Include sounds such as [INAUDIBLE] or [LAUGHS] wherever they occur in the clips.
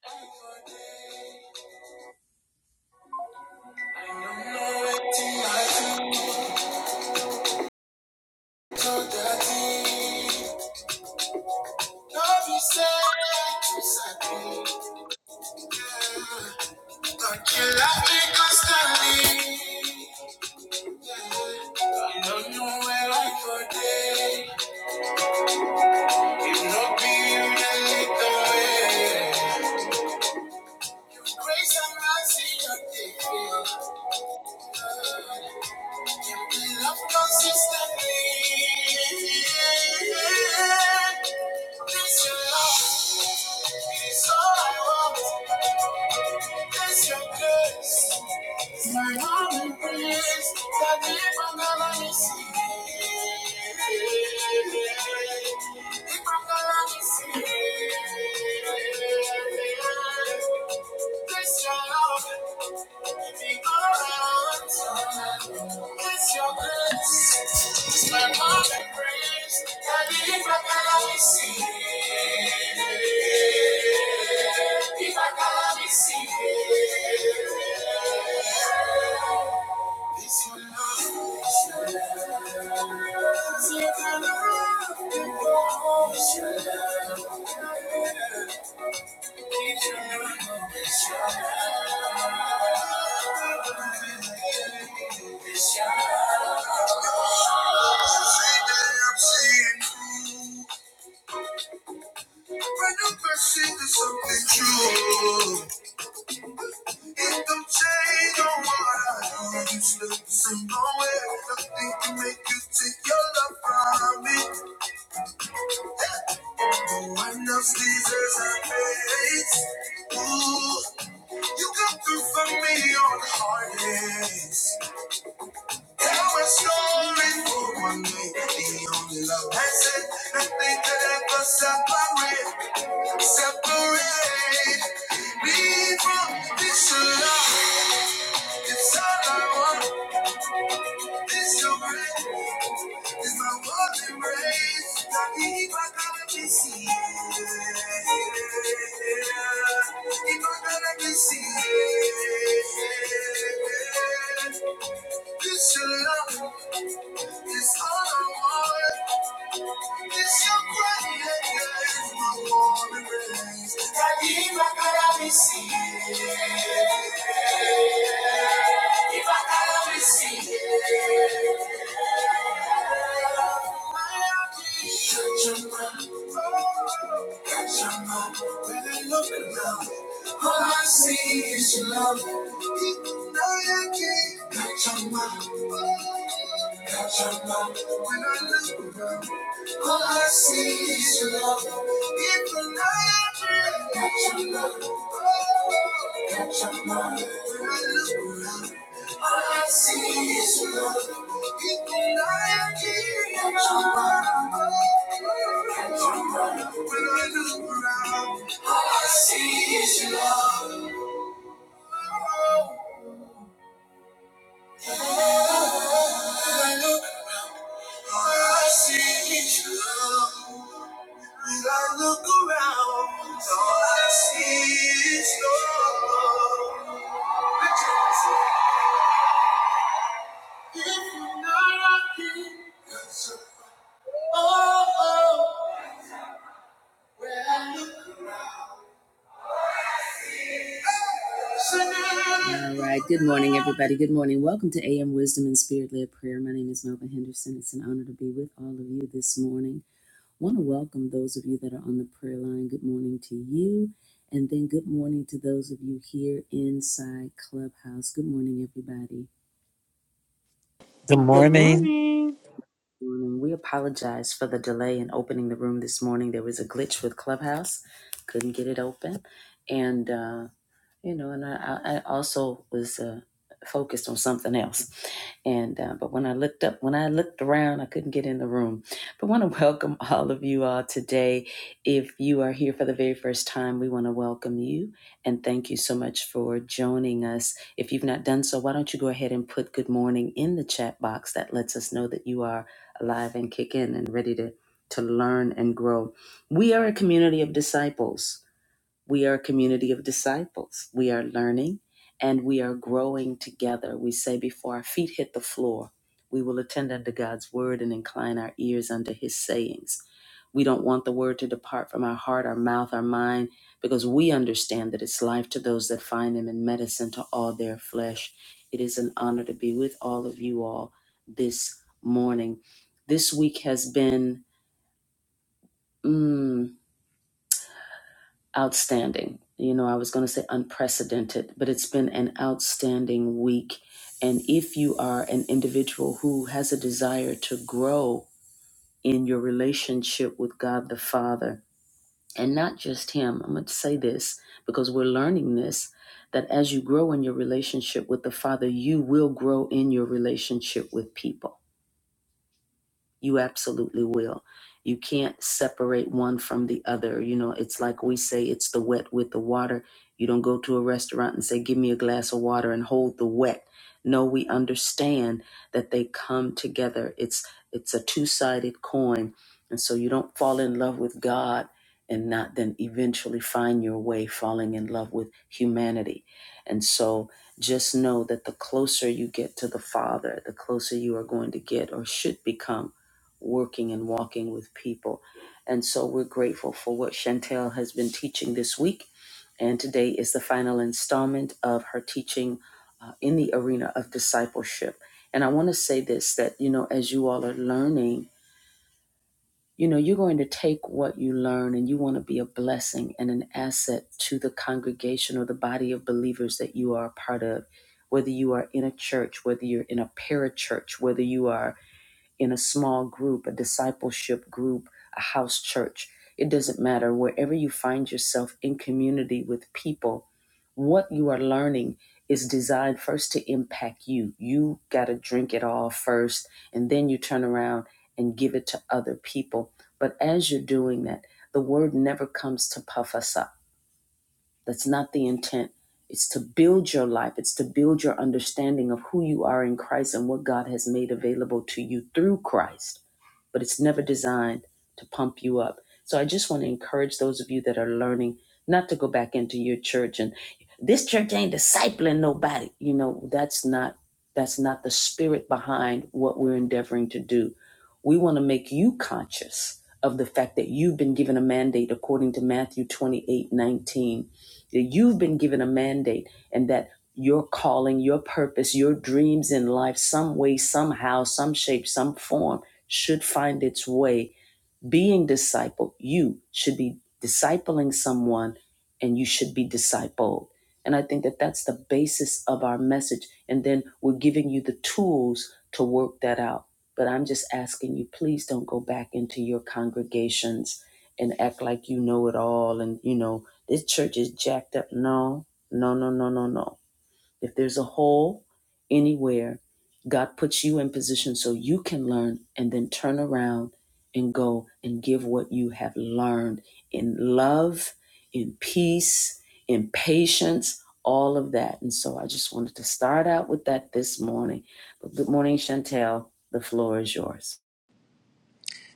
Grace and mercy, you take me. Give me love consistently. yeah, yeah, yeah. It's your love. It's all I want. It's your grace. It's my only praise. That if I'm gonna miss you. If I'm gonna miss you. It's your love. It's all I want. It's your grace. It's my only praise. That if I'm gonna miss you. If I gotta be secret, it's your love, it's your love. It's your it's your love. It's your it's your love. It's your I'm seeing when I'm passing to something true. It don't change on what I do. You still the same way. Nothing can make you take your love from me. No one else deserves our praise. Ooh, you come through for me on the hard days. Tell my story for one day. The only love that's it. Nothing could ever separate, separate me from this love. It's all I want. It's your grace. It's my golden race. I need my golden seed. Need my golden seed. This your love is all I want. This your greatness. I want to raise. Daddy, My golden race. I see it. If I golden seed. it, my your seed. When I look around, all I see is your love. Ignite your mind. Cause I know when I look around, all I see is your love. Even the night dream, got your love. Oh, got your love. When I look around, all I see is your love. Even the night dream, got your love. Oh, got your love. When I look around, all I see is your love. Oh, when I look, all I see is your love. When I look around, all I see is your love. If you're not rocking, oh, oh, when I look around. All right. Good morning, everybody. Good morning. Welcome to AM Wisdom and Spirit Led Prayer. My name is Melva Henderson. It's an honor to be with all of you this morning. I want to welcome those of you that are on the prayer line. Good morning to you. And then good morning to those of you here inside Clubhouse. Good morning, everybody. The Good morning morning. Good Morning. We apologize for the delay in opening the room this morning. There was a glitch with Clubhouse, couldn't get it open. And uh, you know, and I, I I also was uh, focused on something else. And uh, but when I looked up, when I looked around, I couldn't get in the room. But want to welcome [LAUGHS] all of you all today. If you are here for the very first time, we want to welcome you and thank you so much for joining us. If you've not done so, why don't you go ahead and put good morning in the chat box? That lets us know that you are alive and kick in and ready to to learn and grow. We are a community of disciples we are a community of disciples. We are learning and we are growing together. We say, before our feet hit the floor, we will attend unto God's word and incline our ears unto his sayings. We don't want the word to depart from our heart, our mouth, our mind, because we understand that it's life to those that find him and medicine to all their flesh. It is an honor to be with all of you all this morning. This week has been. mm, outstanding. You know, I was going to say unprecedented, but it's been an outstanding week. And if you are an individual who has a desire to grow in your relationship with God the Father, and not just Him, I'm going to say this because we're learning this that as you grow in your relationship with the Father, you will grow in your relationship with people you absolutely will. You can't separate one from the other. You know, it's like we say it's the wet with the water. You don't go to a restaurant and say, Give me a glass of water and hold the wet. No, we understand that they come together. It's it's a two-sided coin. And so you don't fall in love with God and not then eventually find your way falling in love with humanity. And so just know that the closer you get to the Father, the closer you are going to get or should become working and walking with people. And so we're grateful for what Chantel has been teaching this week. And today is the final installment of her teaching uh, in the arena of discipleship. And I want to say this that, you know, as you all are learning, you know, you're going to take what you learn and you want to be a blessing and an asset to the congregation or the body of believers that you are a part of, whether you are in a church, whether you're in a parachurch, whether you are in a small group, a discipleship group, a house church. It doesn't matter. Wherever you find yourself in community with people, what you are learning is designed first to impact you. You got to drink it all first, and then you turn around and give it to other people. But as you're doing that, the word never comes to puff us up. That's not the intent. It's to build your life. It's to build your understanding of who you are in Christ and what God has made available to you through Christ but it's never designed to pump you up. So I just want to encourage those of you that are learning not to go back into your church and this church ain't discipling nobody. You know, that's not that's not the spirit behind what we're endeavoring to do. We want to make you conscious of the fact that you've been given a mandate according to Matthew 28 19, that you've been given a mandate and that your calling, your purpose, your dreams in life, some way, somehow, some shape, some form should find its way being discipled. You should be discipling someone and you should be discipled. And I think that that's the basis of our message. And then we're giving you the tools to work that out. But I'm just asking you, please don't go back into your congregations and act like you know it all and, you know, this church is jacked up. No, no, no, no, no, no. If there's a hole anywhere, God puts you in position so you can learn and then turn around and go and give what you have learned in love, in peace, in patience, all of that. And so I just wanted to start out with that this morning. But good morning, Chantel. The floor is yours.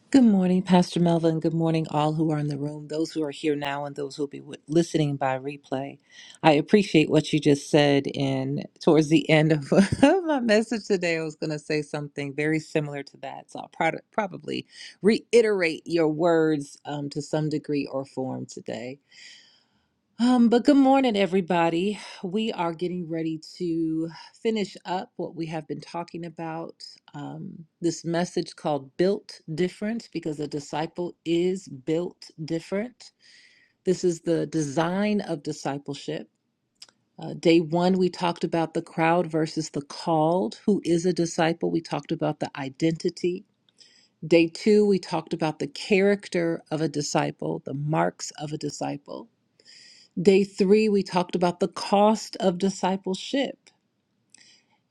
Good morning, Pastor Melvin. Good morning, all who are in the room, those who are here now, and those who will be wi- listening by replay. I appreciate what you just said. And towards the end of [LAUGHS] of my message today, I was going to say something very similar to that. So I'll prod- probably reiterate your words um, to some degree or form today. Um, but good morning, everybody. We are getting ready to finish up what we have been talking about. Um, this message called Built Different, because a disciple is built different. This is the design of discipleship. Uh, day one, we talked about the crowd versus the called. Who is a disciple? We talked about the identity. Day two, we talked about the character of a disciple, the marks of a disciple. Day three, we talked about the cost of discipleship.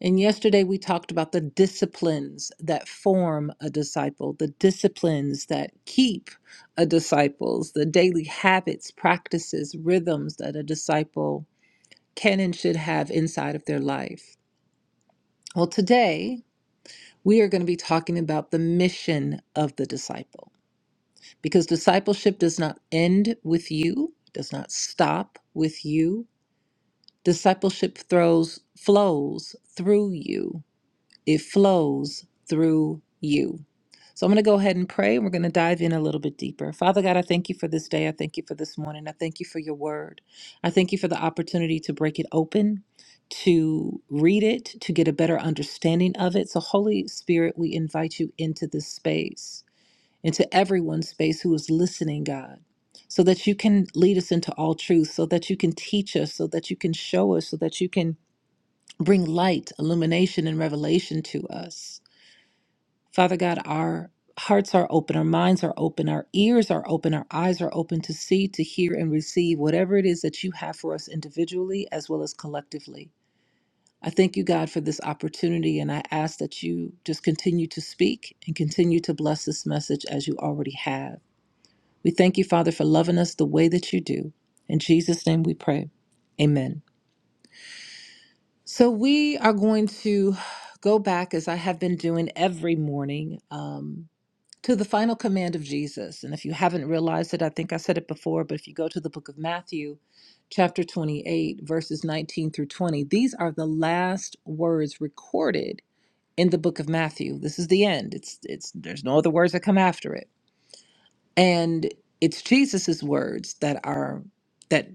And yesterday, we talked about the disciplines that form a disciple, the disciplines that keep a disciple's, the daily habits, practices, rhythms that a disciple can and should have inside of their life. Well, today, we are going to be talking about the mission of the disciple because discipleship does not end with you, does not stop with you. Discipleship throws flows through you. It flows through you. So I'm going to go ahead and pray. and We're going to dive in a little bit deeper. Father God, I thank you for this day. I thank you for this morning. I thank you for your word. I thank you for the opportunity to break it open, to read it, to get a better understanding of it. So, Holy Spirit, we invite you into this space into everyone's space who is listening, God, so that you can lead us into all truth, so that you can teach us, so that you can show us, so that you can bring light, illumination, and revelation to us. Father God, our hearts are open, our minds are open, our ears are open, our eyes are open to see, to hear, and receive whatever it is that you have for us individually as well as collectively. I thank you, God, for this opportunity, and I ask that you just continue to speak and continue to bless this message as you already have. We thank you, Father, for loving us the way that you do. In Jesus' name we pray. Amen. So we are going to go back, as I have been doing every morning, um, to the final command of Jesus. And if you haven't realized it, I think I said it before, but if you go to the book of Matthew, chapter 28, verses 19 through 20, these are the last words recorded in the book of Matthew. This is the end. It's it's there's no other words that come after it. And it's Jesus's words that are that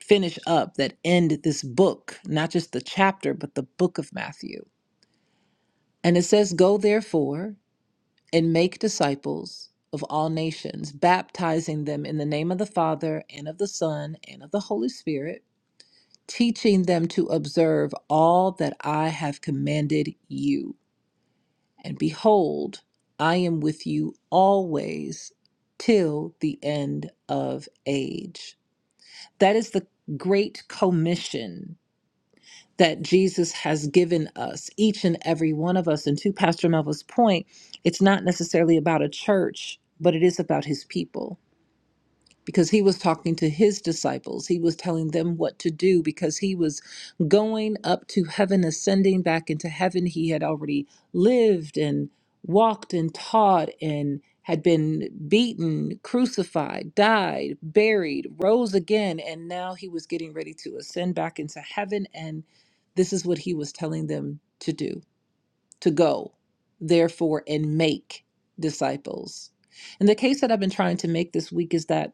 finish up, that end this book, not just the chapter, but the book of Matthew. And it says, Go therefore and make disciples of all nations, baptizing them in the name of the Father and of the Son and of the Holy Spirit, teaching them to observe all that I have commanded you. And behold, I am with you always till the end of age. That is the great commission that Jesus has given us, each and every one of us. And to Pastor Melva's point, it's not necessarily about a church, but it is about his people because he was talking to his disciples. He was telling them what to do because he was going up to heaven, ascending back into heaven. He had already lived and walked and taught and had been beaten, crucified, died, buried, rose again, and now he was getting ready to ascend back into heaven. And this is what he was telling them to do to go, therefore, and make disciples. And the case that I've been trying to make this week is that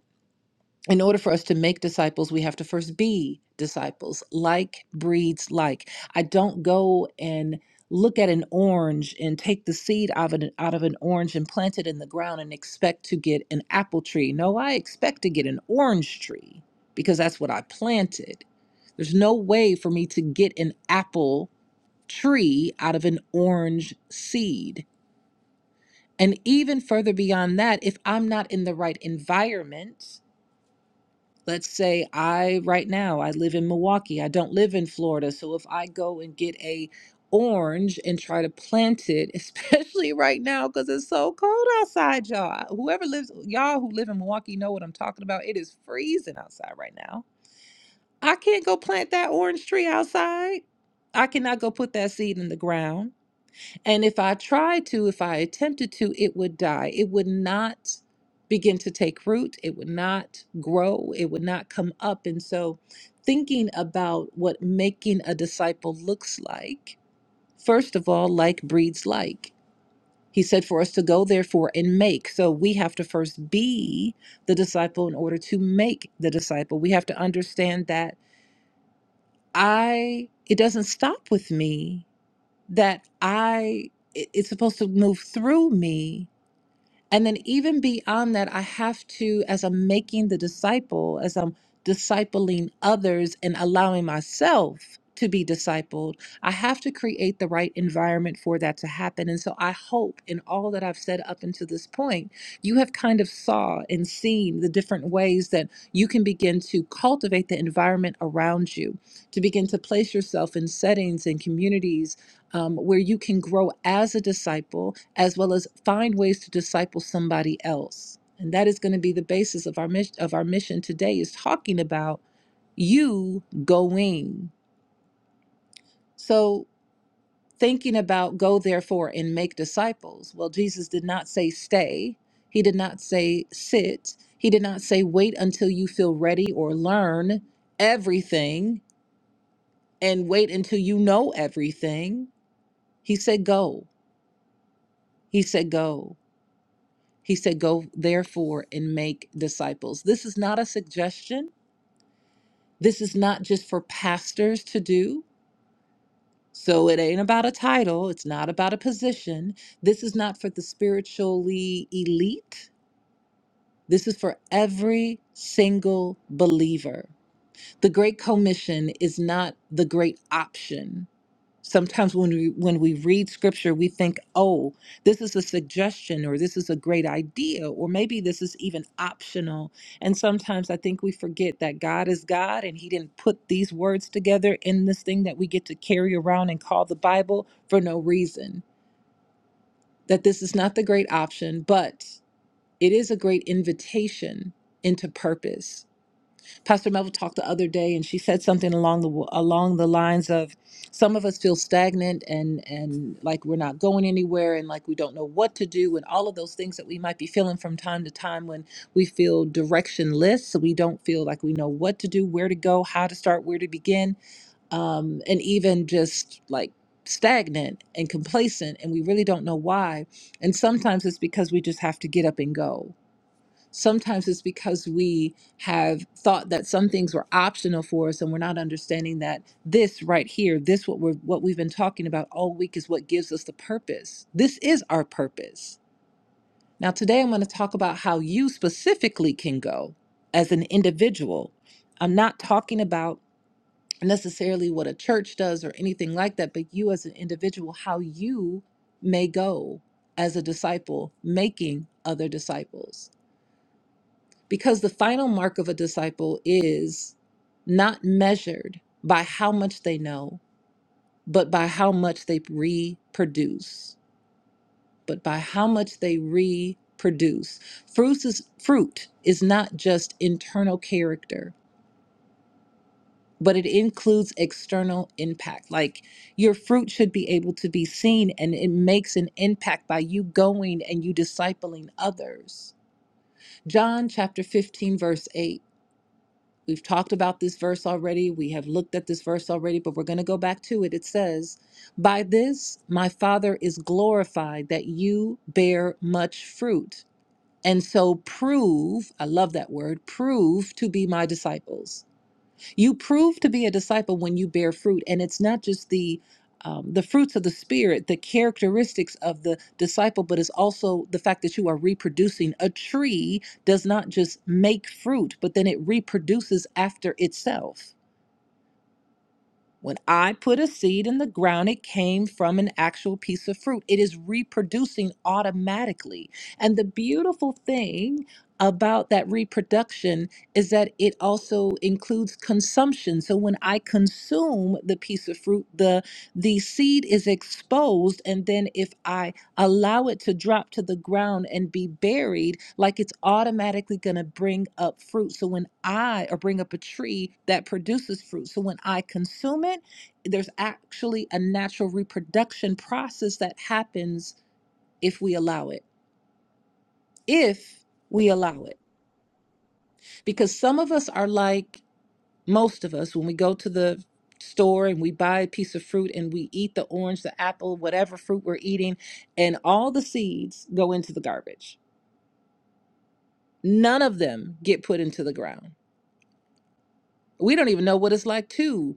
in order for us to make disciples, we have to first be disciples. Like breeds like. I don't go and look at an orange and take the seed out of an, out of an orange and plant it in the ground and expect to get an apple tree. No, I expect to get an orange tree because that's what I planted. There's no way for me to get an apple tree out of an orange seed. And even further beyond that, if I'm not in the right environment, Let's say I right now I live in Milwaukee. I don't live in Florida. So if I go and get a orange and try to plant it, [LAUGHS] especially right now cuz it's so cold outside, y'all. Whoever lives y'all who live in Milwaukee know what I'm talking about. It is freezing outside right now. I can't go plant that orange tree outside. I cannot go put that seed in the ground. And if I tried to, if I attempted to, it would die. It would not begin to take root. It would not grow. It would not come up. And so, thinking about what making a disciple looks like, first of all, like breeds like. He said for us to go, therefore, and make. So, we have to first be the disciple in order to make the disciple. We have to understand that I, it doesn't stop with me that I it- it's supposed to move through me. And then even beyond that, I have to, as I'm making the disciple, as I'm discipling others and allowing myself to be discipled, I have to create the right environment for that to happen. And so I hope in all that I've said up until this point, you have kind of saw and seen the different ways that you can begin to cultivate the environment around you, to begin to place yourself in settings and communities um, where you can grow as a disciple as well as find ways to disciple somebody else and that is going to be the basis of our mission of our mission today is talking about you going so thinking about go therefore and make disciples well jesus did not say stay he did not say sit he did not say wait until you feel ready or learn everything and wait until you know everything he said go he said go He said, Go therefore and make disciples. This is not a suggestion. This is not just for pastors to do. So it ain't about a title, it's not about a position. This is not for the spiritually elite. This is for every single believer. The Great Commission is not the great option. sometimes when we when we read scripture we think oh this is a suggestion or this is a great idea or maybe this is even optional and sometimes i think we forget that god is god and he didn't put these words together in this thing that we get to carry around and call the bible for no reason that this is not the great option but it is a great invitation into purpose Pastor Melville talked the other day, and she said something along the along the lines of, "Some of us feel stagnant and and like we're not going anywhere, and like we don't know what to do, and all of those things that we might be feeling from time to time when we feel directionless, so we don't feel like we know what to do, where to go, how to start, where to begin, um, and even just like." stagnant and complacent and we really don't know why and sometimes it's because we just have to get up and go sometimes it's because we have thought that some things were optional for us and we're not understanding that this right here this what we're what we've been talking about all week is what gives us the purpose this is our purpose now today i'm going to talk about how you specifically can go as an individual i'm not talking about necessarily what a church does or anything like that but you as an individual how you may go as a disciple making other disciples because the final mark of a disciple is not measured by how much they know, but by how much they reproduce. But by how much they reproduce. Fruits is, fruit is not just internal character, but it includes external impact. Like your fruit should be able to be seen, and it makes an impact by you going and you discipling others. John chapter 15, verse 8 We've talked about this verse already. We have looked at this verse already, but we're going to go back to it. It says, By this my Father is glorified that you bear much fruit. And so prove, I love that word, prove to be my disciples. You prove to be a disciple when you bear fruit, and it's not just the um, the fruits of the spirit, the characteristics of the disciple, but it's also the fact that you are reproducing. A tree does not just make fruit, but then it reproduces after itself when I put a seed in the ground, it came from an actual piece of fruit. It is reproducing automatically. And the beautiful thing about that reproduction is that it also includes consumption. So when I consume the piece of fruit, the the seed is exposed and then if I allow it to drop to the ground and be buried like it's automatically going to bring up fruit so when i or bring up a tree that produces fruit so when i consume it there's actually a natural reproduction process that happens if we allow it if we allow it because some of us are like most of us when we go to the store and we buy a piece of fruit and we eat the orange the apple whatever fruit we're eating and all the seeds go into the garbage none of them get put into the ground. We don't even know what it's like to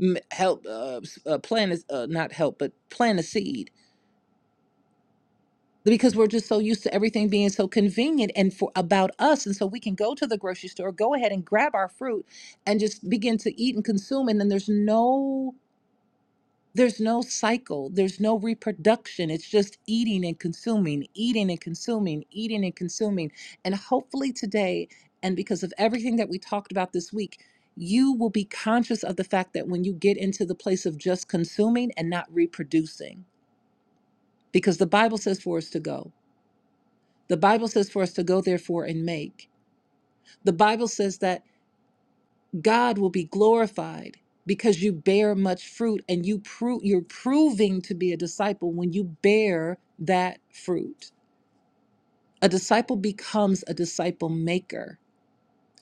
m- help uh, s- uh, plant, a- uh, not help, but plant a seed because we're just so used to everything being so convenient and for about us and so we can go to the grocery store go ahead and grab our fruit and just begin to eat and consume and then there's no there's no cycle there's no reproduction it's just eating and consuming eating and consuming eating and consuming and hopefully today and because of everything that we talked about this week you will be conscious of the fact that when you get into the place of just consuming and not reproducing because the bible says for us to go the bible says for us to go therefore and make the bible says that God will be glorified because you bear much fruit and you prove you're proving to be a disciple when you bear that fruit. A disciple becomes a disciple maker.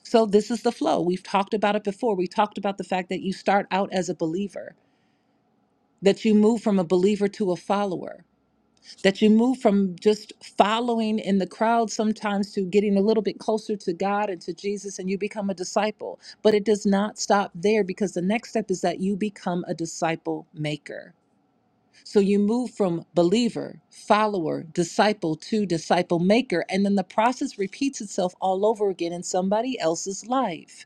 So this is the flow. We've talked about it before. We talked about the fact that you start out as a believer, that you move from a believer to a follower. that you move from just following in the crowd sometimes to getting a little bit closer to God and to Jesus and you become a disciple. But it does not stop there because the next step is that you become a disciple maker. So you move from believer, follower, disciple to disciple maker. And then the process repeats itself all over again in somebody else's life.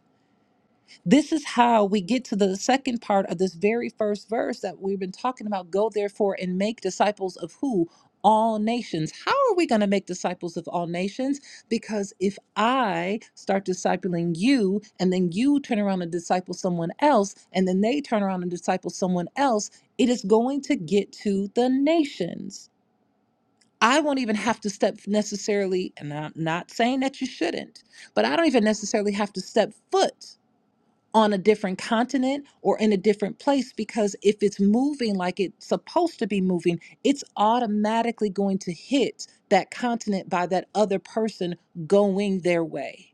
This is how we get to the second part of this very first verse that we've been talking about. Go therefore and make disciples of who? All nations. How are we going to make disciples of all nations? Because if I start discipling you and then you turn around and disciple someone else and then they turn around and disciple someone else, it is going to get to the nations. I won't even have to step necessarily, and I'm not saying that you shouldn't, but I don't even necessarily have to step foot on a different continent or in a different place because if it's moving like it's supposed to be moving, it's automatically going to hit that continent by that other person going their way.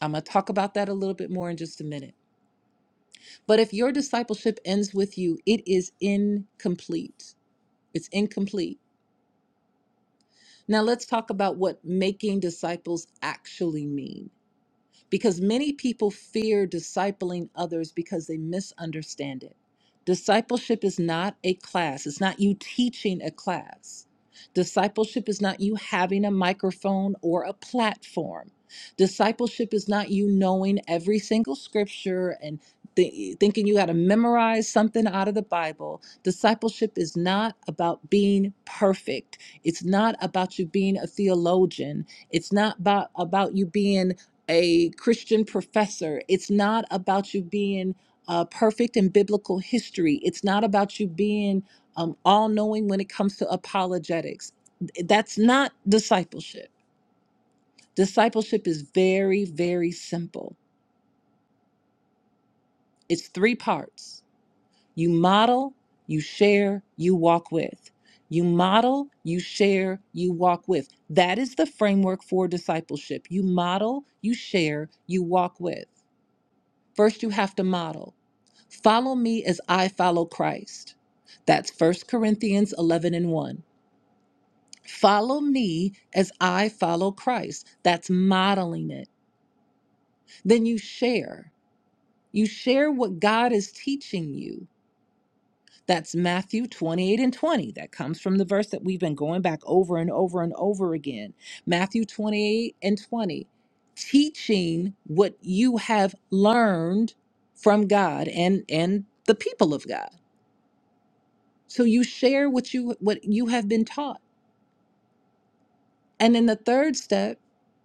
I'm going to talk about that a little bit more in just a minute. But if your discipleship ends with you, it is incomplete. It's incomplete. Now let's talk about what making disciples actually means. because many people fear discipling others because they misunderstand it. Discipleship is not a class, it's not you teaching a class. Discipleship is not you having a microphone or a platform. Discipleship is not you knowing every single scripture and thi- thinking you got to memorize something out of the Bible. Discipleship is not about being perfect. It's not about you being a theologian. It's not about, about you being a Christian professor. It's not about you being uh, perfect in biblical history. It's not about you being um, all knowing when it comes to apologetics. That's not discipleship. Discipleship is very, very simple. It's three parts you model, you share, you walk with. You model, you share, you walk with. That is the framework for discipleship. You model, you share, you walk with. First, you have to model. Follow me as I follow Christ. That's First Corinthians 11 and 1. Follow me as I follow Christ. That's modeling it. Then you share. You share what God is teaching you. That's Matthew 28 and 20. That comes from the verse that we've been going back over and over and over again. Matthew 28 and 20. Teaching what you have learned from God and, and the people of God. So you share what you what you have been taught. And then the third step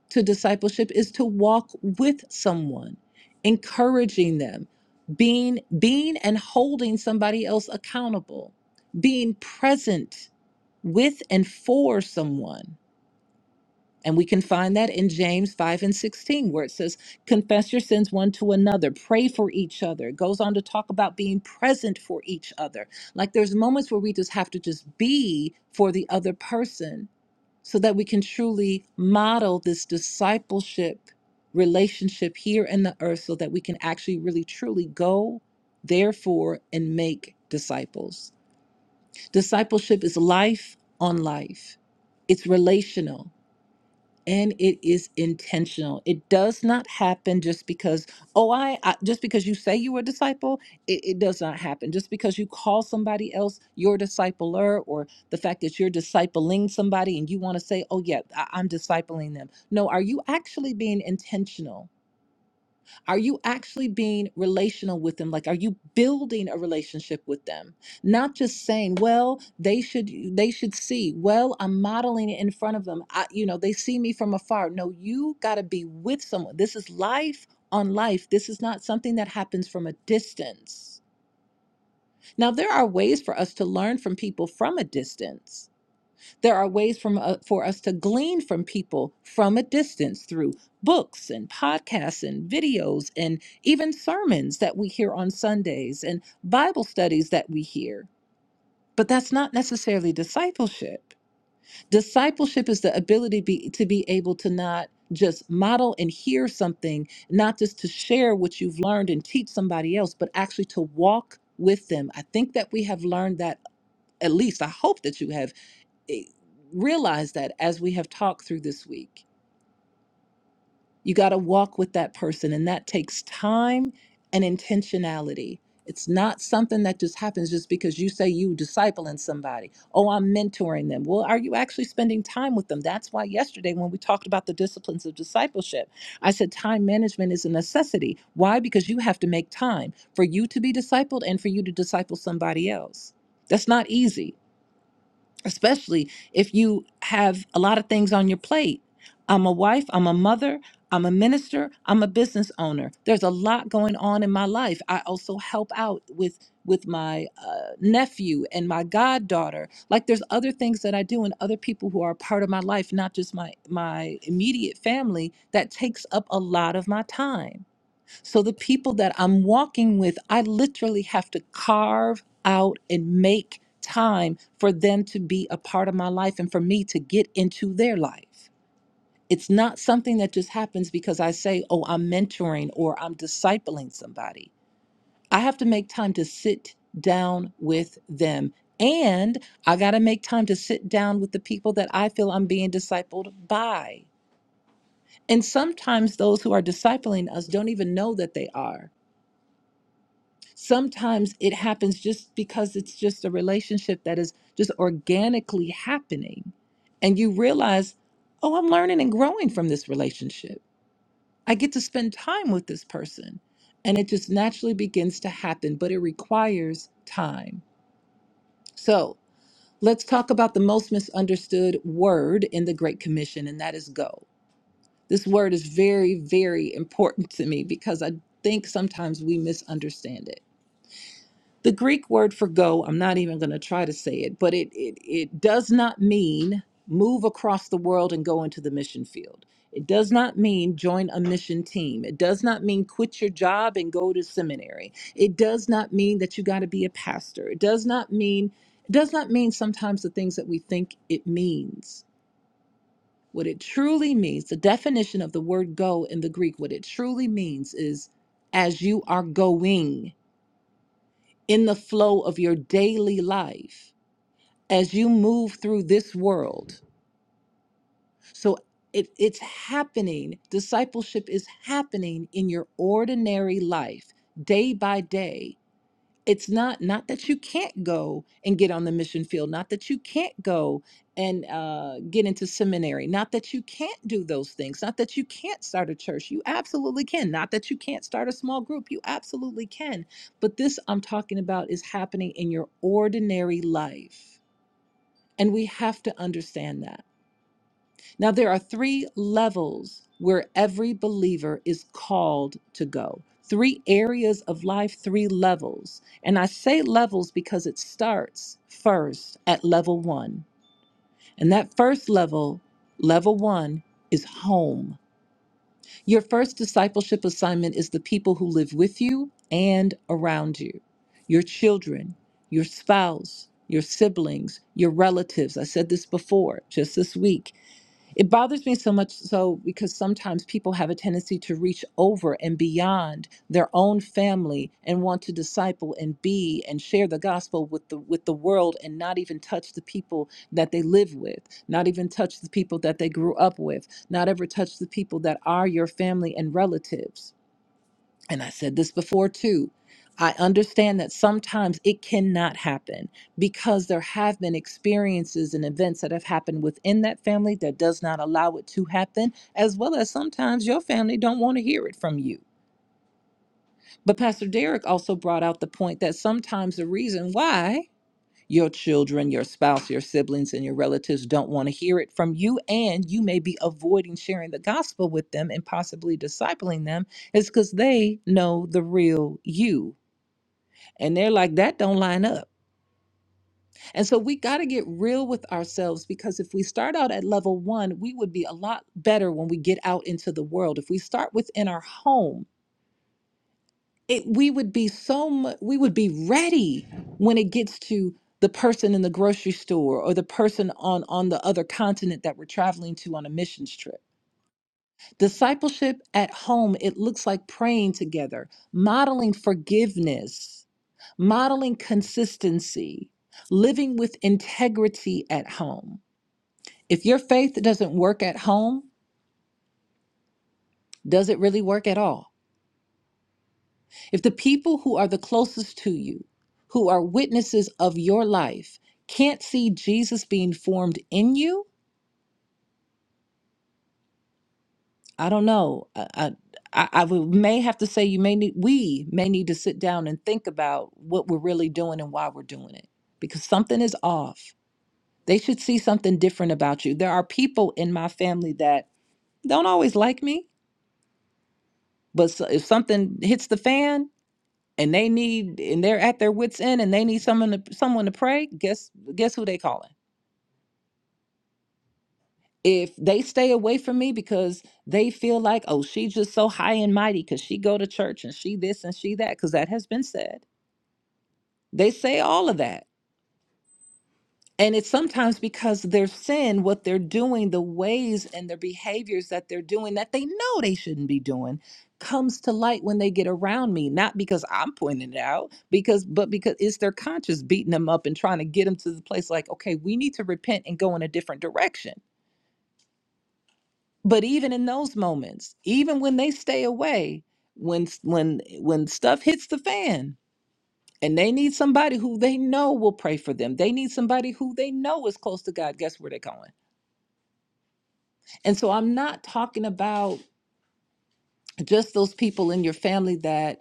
to discipleship is to walk with someone, encouraging them, being being and holding somebody else accountable, being present with and for someone. And we can find that in James 5 and 16, where it says, Confess your sins one to another, pray for each other. It goes on to talk about being present for each other. Like there's moments where we just have to just be for the other person so that we can truly model this discipleship relationship here in the earth so that we can actually really truly go, therefore, and make disciples. Discipleship is life on life, it's relational and it is intentional it does not happen just because oh i, I just because you say you were a disciple it, it does not happen just because you call somebody else your discipler or the fact that you're discipling somebody and you want to say oh yeah I, i'm discipling them no are you actually being intentional are you actually being relational with them? Like, are you building a relationship with them? Not just saying, "Well, they should they should see." Well, I'm modeling it in front of them. I, you know, they see me from afar. No, you got to be with someone. This is life on life. This is not something that happens from a distance. Now, there are ways for us to learn from people from a distance there are ways from, uh, for us to glean from people from a distance through books and podcasts and videos and even sermons that we hear on Sundays and Bible studies that we hear. But that's not necessarily discipleship. Discipleship is the ability be, to be able to not just model and hear something, not just to share what you've learned and teach somebody else, but actually to walk with them. I think that we have learned that, at least I hope that you have eh, realize that as we have talked through this week. You got to walk with that person, and that takes time and intentionality. It's not something that just happens just because you say you discipling somebody. Oh, I'm mentoring them. Well, are you actually spending time with them? That's why yesterday when we talked about the disciplines of discipleship, I said time management is a necessity. Why? Because you have to make time for you to be discipled and for you to disciple somebody else. That's not easy especially if you have a lot of things on your plate. I'm a wife, I'm a mother, I'm a minister, I'm a business owner. There's a lot going on in my life. I also help out with with my uh, nephew and my goddaughter. Like there's other things that I do and other people who are a part of my life, not just my my immediate family that takes up a lot of my time. So the people that I'm walking with, I literally have to carve out and make time for them to be a part of my life and for me to get into their life. It's not something that just happens because I say, oh, I'm mentoring or I'm discipling somebody. I have to make time to sit down with them. And I got to make time to sit down with the people that I feel I'm being discipled by. And sometimes those who are discipling us don't even know that they are Sometimes it happens just because it's just a relationship that is just organically happening. And you realize, oh, I'm learning and growing from this relationship. I get to spend time with this person. And it just naturally begins to happen, but it requires time. So let's talk about the most misunderstood word in the Great Commission, and that is go. This word is very, very important to me because I think sometimes we misunderstand it. The Greek word for go, I'm not even going to try to say it, but it, it, it does not mean move across the world and go into the mission field. It does not mean join a mission team. It does not mean quit your job and go to seminary. It does not mean that you got to be a pastor. It does not mean it does not mean sometimes the things that we think it means. What it truly means, the definition of the word go in the Greek, what it truly means is as you are going in the flow of your daily life as you move through this world. So it, it's happening. Discipleship is happening in your ordinary life, day by day it's not not that you can't go and get on the mission field not that you can't go and uh, get into seminary not that you can't do those things not that you can't start a church you absolutely can not that you can't start a small group you absolutely can but this i'm talking about is happening in your ordinary life and we have to understand that now, there are three levels where every believer is called to go. Three areas of life, three levels. And I say levels because it starts first at level one. And that first level, level one, is home. Your first discipleship assignment is the people who live with you and around you your children, your spouse, your siblings, your relatives. I said this before just this week it bothers me so much so because sometimes people have a tendency to reach over and beyond their own family and want to disciple and be and share the gospel with the with the world and not even touch the people that they live with, not even touch the people that they grew up with, not ever touch the people that are your family and relatives and I said this before too. I understand that sometimes it cannot happen because there have been experiences and events that have happened within that family that does not allow it to happen, as well as sometimes your family don't want to hear it from you. But Pastor Derek also brought out the point that sometimes the reason why your children, your spouse, your siblings, and your relatives don't want to hear it from you, and you may be avoiding sharing the gospel with them and possibly discipling them, is because they know the real you. And they're like, that don't line up. And so we got to get real with ourselves because if we start out at level one, we would be a lot better when we get out into the world. If we start within our home, it we would be so much we would be ready when it gets to the person in the grocery store or the person on on the other continent that we're traveling to on a missions trip discipleship at home it looks like praying together modeling forgiveness modeling consistency living with integrity at home if your faith doesn't work at home does it really work at all If the people who are the closest to you, who are witnesses of your life, can't see Jesus being formed in you, I don't know. I, I, I I would- may have to say you may need. We may need to sit down and think about what we're really doing and why we're doing it, because something is off. They should see something different about you. There are people in my family that don't always like me, but so- if something hits the fan, and they need and they're at their wits end and they need someone to someone to pray guess guess who they calling if they stay away from me because they feel like oh she's just so high and mighty because she go to church and she this and she that because that has been said they say all of that And it's sometimes because their sin, what they're doing, the ways and their behaviors that they're doing that they know they shouldn't be doing comes to light when they get around me, not because I'm pointing it out, because but because it's their conscience beating them up and trying to get them to the place like, okay, we need to repent and go in a different direction. But even in those moments, even when they stay away, when s- when when stuff hits the fan, and they need somebody who they know will pray for them. They need somebody who they know is close to God. Guess where they're going? And so I'm not talking about just those people in your family that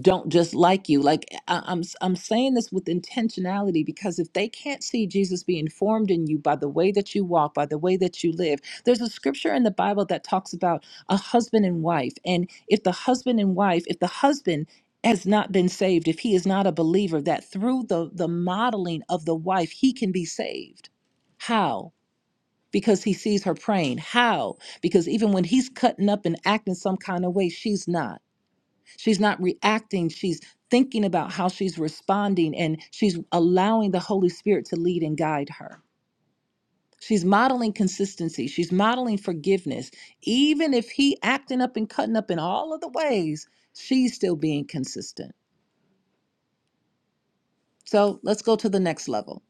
don't just like you. Like I, I'm i I'm saying this with intentionality because if they can't see Jesus being formed in you by the way that you walk, by the way that you live, there's a scripture in the Bible that talks about a husband and wife. And if the husband and wife, if the husband has not been saved, if he is not a believer, that through the the modeling of the wife, he can be saved. How? because he sees her praying. How? Because even when he's cutting up and acting some kind of way, she's not. She's not reacting. She's thinking about how she's responding and she's allowing the Holy Spirit to lead and guide her. She's modeling consistency. She's modeling forgiveness. Even if he acting up and cutting up in all of the ways, she's still being consistent. So let's go to the next level.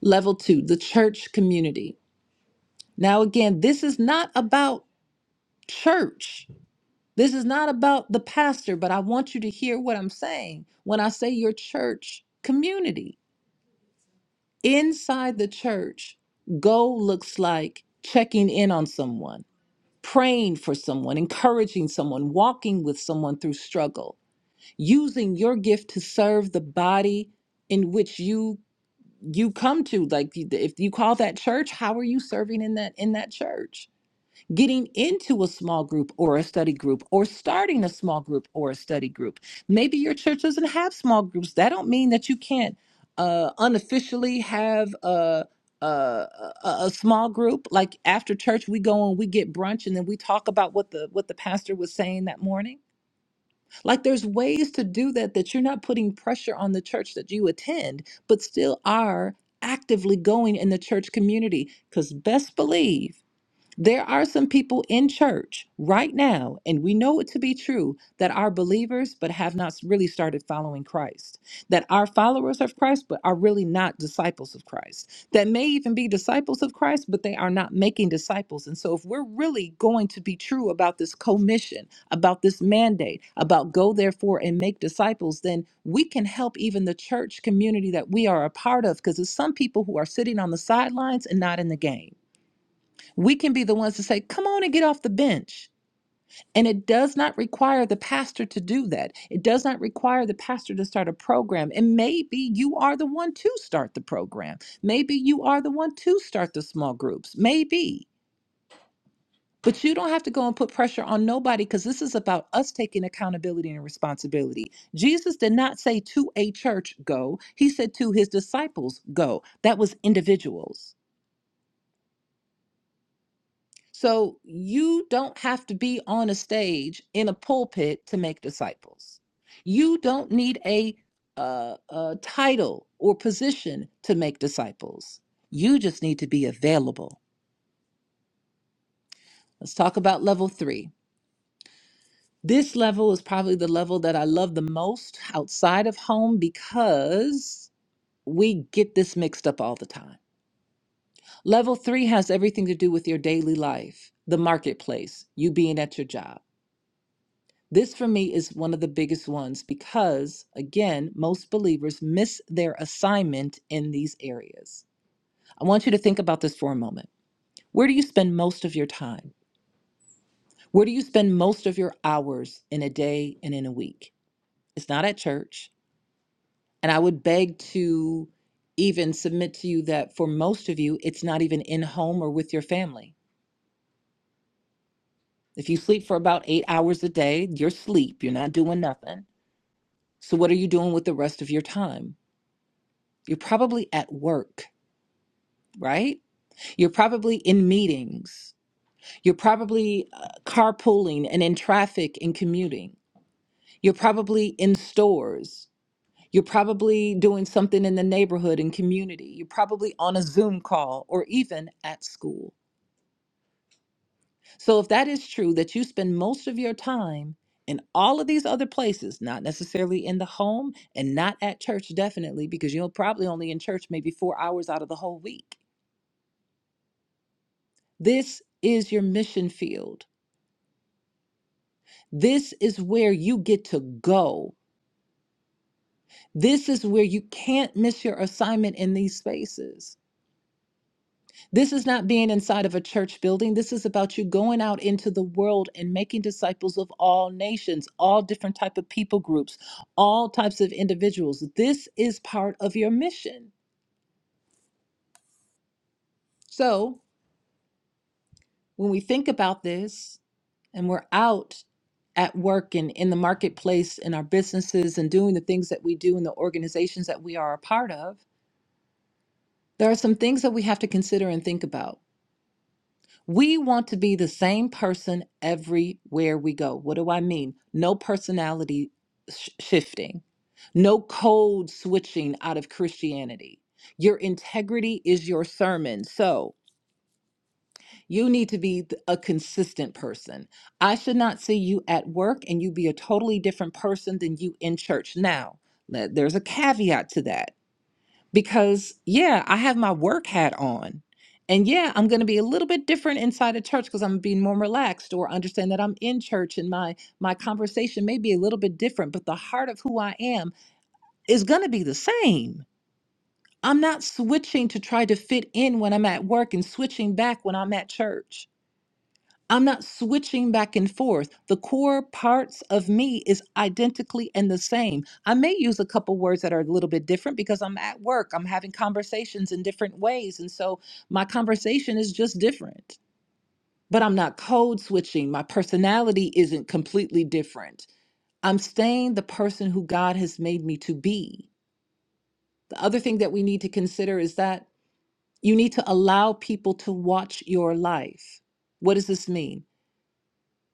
Level two, the church community. Now, again, this is not about church. This is not about the pastor, but I want you to hear what I'm saying when I say your church community. Inside the church, go looks like checking in on someone, praying for someone, encouraging someone, walking with someone through struggle, using your gift to serve the body in which you you come to like if you call that church how are you serving in that in that church getting into a small group or a study group or starting a small group or a study group maybe your church doesn't have small groups that don't mean that you can't uh, unofficially have a, a a a small group like after church we go and we get brunch and then we talk about what the what the pastor was saying that morning like there's ways to do that that you're not putting pressure on the church that you attend but still are actively going in the church community because best believe there are some people in church right now, and we know it to be true, that are believers but have not really started following Christ, that are followers of Christ but are really not disciples of Christ, that may even be disciples of Christ but they are not making disciples. And so, if we're really going to be true about this commission, about this mandate, about go therefore and make disciples, then we can help even the church community that we are a part of because there's some people who are sitting on the sidelines and not in the game we can be the ones to say, come on and get off the bench. And it does not require the pastor to do that. It does not require the pastor to start a program. And maybe you are the one to start the program. Maybe you are the one to start the small groups. Maybe. But you don't have to go and put pressure on nobody because this is about us taking accountability and responsibility. Jesus did not say to a church, go. He said to his disciples, go. That was individuals. So you don't have to be on a stage in a pulpit to make disciples. You don't need a, uh, a title or position to make disciples. You just need to be available. Let's talk about level three. This level is probably the level that I love the most outside of home because we get this mixed up all the time. Level three has everything to do with your daily life, the marketplace, you being at your job. This for me is one of the biggest ones because, again, most believers miss their assignment in these areas. I want you to think about this for a moment. Where do you spend most of your time? Where do you spend most of your hours in a day and in a week? It's not at church. And I would beg to even submit to you that for most of you, it's not even in home or with your family. If you sleep for about eight hours a day, you're sleep, you're not doing nothing. So, what are you doing with the rest of your time? You're probably at work, right? You're probably in meetings. You're probably uh, carpooling and in traffic and commuting. You're probably in stores. You're probably doing something in the neighborhood and community. You're probably on a Zoom call or even at school. So, if that is true, that you spend most of your time in all of these other places, not necessarily in the home and not at church, definitely, because you're probably only in church maybe four hours out of the whole week This is your mission field. This is where you get to go. This is where you can't miss your assignment in these spaces. This is not being inside of a church building. This is about you going out into the world and making disciples of all nations, all different type of people groups, all types of individuals. This is part of your mission. So, when we think about this, and we're out at work and in the marketplace in our businesses and doing the things that we do in the organizations that we are a part of, there are some things that we have to consider and think about. We want to be the same person everywhere we go. What do I mean? No personality sh- shifting, no code switching out of Christianity. Your integrity is your sermon. So. You need to be th- a consistent person. I should not see you at work and you be a totally different person than you in church. Now, let, there's a caveat to that because, yeah, I have my work hat on. And yeah, I'm going to be a little bit different inside of church because I'm being more relaxed or understand that I'm in church and my my conversation may be a little bit different, but the heart of who I am is going to be the same. I'm not switching to try to fit in when I'm at work and switching back when I'm at church I'm not switching back and forth. The core parts of me is identically and the same. I may use a couple words that are a little bit different because I'm at work, I'm having conversations in different ways. And so my conversation is just different, but I'm not code switching. My personality isn't completely different. I'm staying the person who God has made me to be. The other thing that we need to consider is that you need to allow people to watch your life. What does this mean?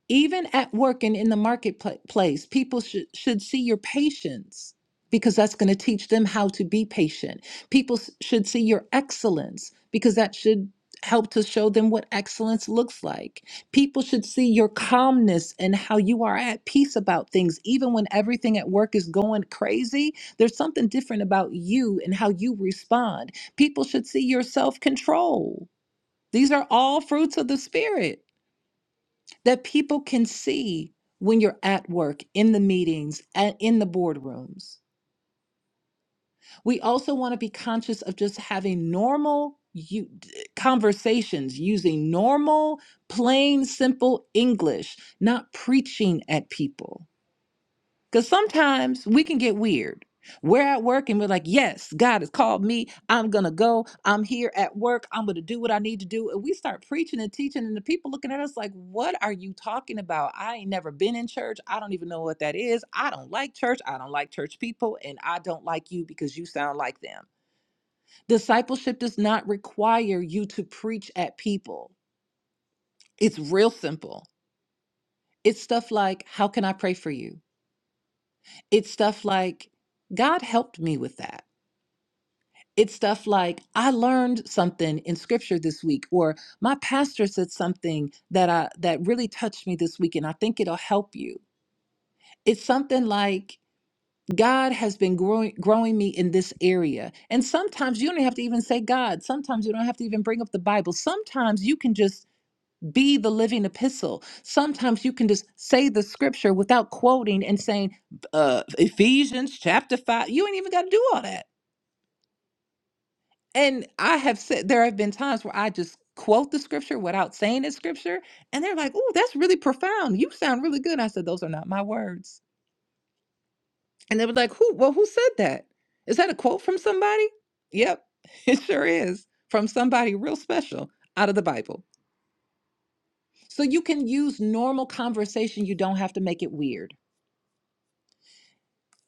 even at work and in the marketplace, people should, should see your patience because that's going to teach them how to be patient. People s- should see your excellence because that should help to show them what excellence looks like. People should see your calmness and how you are at peace about things. Even when everything at work is going crazy, there's something different about you and how you respond. People should see your self control. These are all fruits of the Spirit that people can see when you're at work, in the meetings, and in the boardrooms. We also want to be conscious of just having normal you, conversations using normal, plain, simple English, not preaching at people. Because sometimes we can get weird. We're at work and we're like, yes, God has called me. I'm going to go. I'm here at work. I'm going to do what I need to do. And we start preaching and teaching, and the people looking at us like, what are you talking about? I ain't never been in church. I don't even know what that is. I don't like church. I don't like church people. And I don't like you because you sound like them. Discipleship does not require you to preach at people, it's real simple. It's stuff like, how can I pray for you? It's stuff like, God helped me with that. It's stuff like, I learned something in scripture this week, or my pastor said something that I that really touched me this week, and I think it'll help you. It's something like God has been growing growing me in this area. And sometimes you don't have to even say God. Sometimes you don't have to even bring up the Bible. Sometimes you can just be the living epistle. Sometimes you can just say the scripture without quoting and saying uh Ephesians chapter 5. You ain't even got to do all that And I have said there have been times where I just quote the scripture without saying it's scripture, and they're like, "Oh, that's really profound. You sound really good." I said, "Those are not my words." And they were like, "Who? Well, who said that? Is that a quote from somebody?" Yep, [LAUGHS] it sure is from somebody real special out of the Bible. So you can use normal conversation. You don't have to make it weird.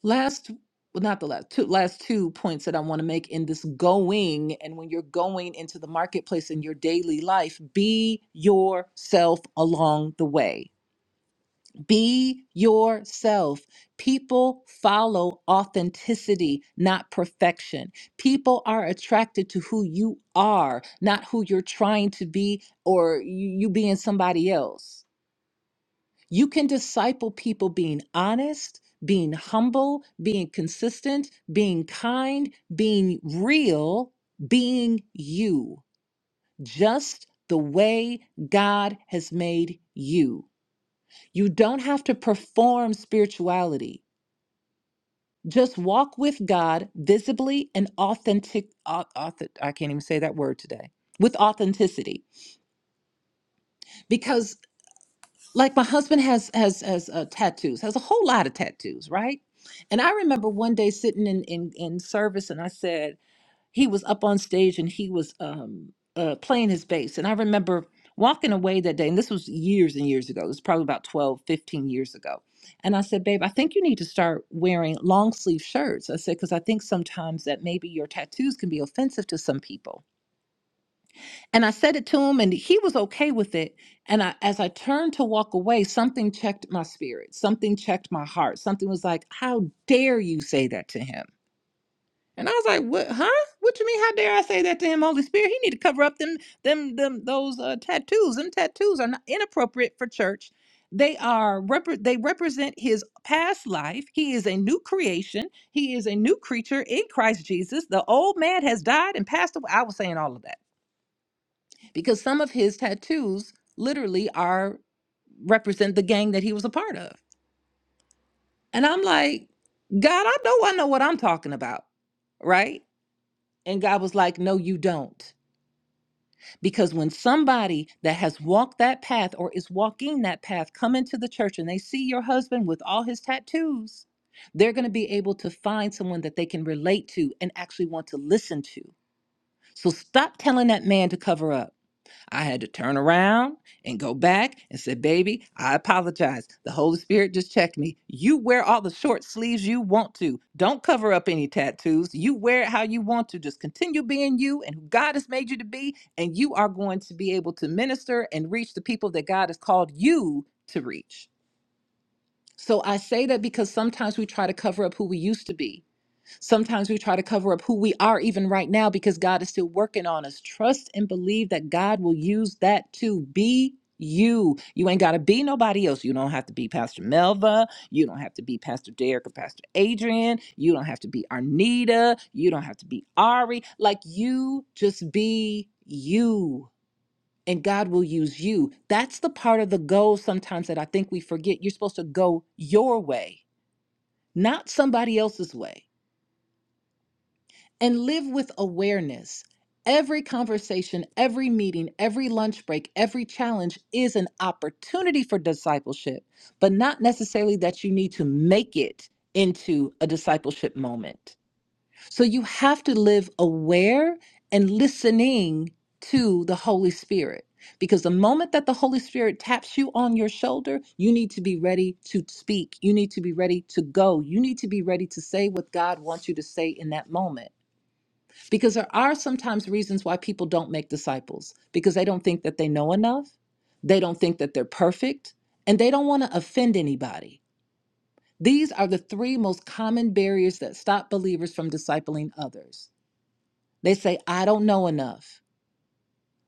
last well not the last two last two points that i want to make in this going and when you're going into the marketplace in your daily life be yourself along the way be yourself people follow authenticity not perfection people are attracted to who you are not who you're trying to be or you, you being somebody else you can disciple people being honest, being humble, being consistent, being kind, being real, being you, just the way God has made you. You don't have to perform spirituality. Just walk with God visibly and authentic, au- auth- I can't even say that word today, with authenticity. Because like my husband has has has uh, tattoos has a whole lot of tattoos right and i remember one day sitting in in, in service and i said he was up on stage and he was um uh, playing his bass and i remember walking away that day and this was years and years ago it was probably about 12, 15 years ago and i said babe i think you need to start wearing long sleeve shirts i said because i think sometimes that maybe your tattoos can be offensive to some people and I said it to him, and he was okay with it. And I, as I turned to walk away, something checked my spirit. Something checked my heart. Something was like, "How dare you say that to him?" And I was like, "What? Huh? What you mean? How dare I say that to him? Holy Spirit, he need to cover up them, them, them. Those uh, tattoos. Them tattoos are not inappropriate for church. They are repre- They represent his past life. He is a new creation. He is a new creature in Christ Jesus. The old man has died and passed away. I was saying all of that because some of his tattoos literally are represent the gang that he was a part of. And I'm like, God, I know I know what I'm talking about, right? And God was like, No, you don't. Because when somebody that has walked that path or is walking that path come into the church and they see your husband with all his tattoos, they're going to be able to find someone that they can relate to and actually want to listen to. So stop telling that man to cover up. I had to turn around and go back and say, Baby, I apologize. The Holy Spirit just checked me. You wear all the short sleeves you want to. Don't cover up any tattoos. You wear it how you want to. Just continue being you and who God has made you to be. And you are going to be able to minister and reach the people that God has called you to reach. So I say that because sometimes we try to cover up who we used to be Sometimes we try to cover up who we are even right now because God is still working on us. Trust and believe that God will use that to be you. You ain't got to be nobody else. You don't have to be Pastor Melva. You don't have to be Pastor Derek or Pastor Adrian. You don't have to be Arnita. You don't have to be Ari. Like you just be you. And God will use you. That's the part of the goal sometimes that I think we forget. You're supposed to go your way, not somebody else's way and live with awareness. Every conversation, every meeting, every lunch break, every challenge is an opportunity for discipleship, but not necessarily that you need to make it into a discipleship moment. So you have to live aware and listening to the Holy Spirit. Because the moment that the Holy Spirit taps you on your shoulder, you need to be ready to speak. You need to be ready to go. You need to be ready to say what God wants you to say in that moment. Because there are sometimes reasons why people don't make disciples because they don't think that they know enough, they don't think that they're perfect, and they don't want to offend anybody. These are the three most common barriers that stop believers from discipling others. They say, I don't know enough.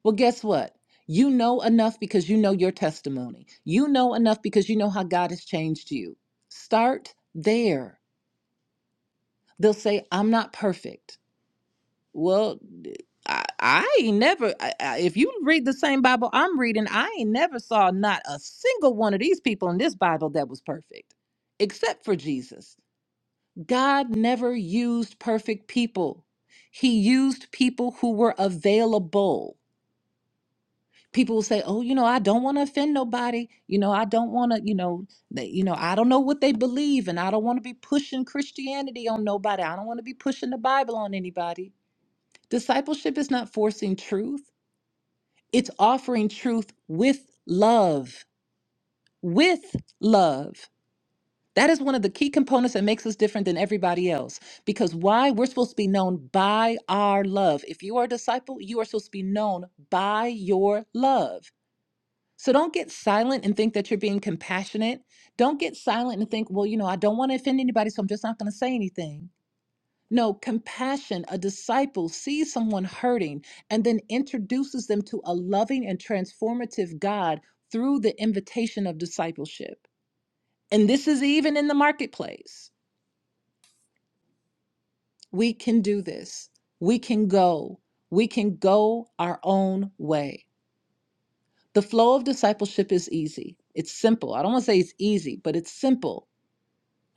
Well, guess what? You know enough because you know your testimony. You know enough because you know how God has changed you. Start there. They'll say, I'm not perfect. Well, I, I ain't never. I, I, if you read the same Bible I'm reading, I ain't never saw not a single one of these people in this Bible that was perfect, except for Jesus. God never used perfect people. He used people who were available. People will say, "Oh, you know, I don't want to offend nobody. You know, I don't want to. You know, they, you know, I don't know what they believe, and I don't want to be pushing Christianity on nobody. I don't want to be pushing the Bible on anybody." Discipleship is not forcing truth, it's offering truth with love. With love. That is one of the key components that makes us different than everybody else. Because why? We're supposed to be known by our love. If you are a disciple, you are supposed to be known by your love. So don't get silent and think that you're being compassionate. Don't get silent and think, well, you know, I don't want to offend anybody, so I'm just not going to say anything. No, compassion. A disciple sees someone hurting and then introduces them to a loving and transformative God through the invitation of discipleship. And this is even in the marketplace. We can do this. We can go. We can go our own way. The flow of discipleship is easy. It's simple. I don't want to say it's easy, but it's simple.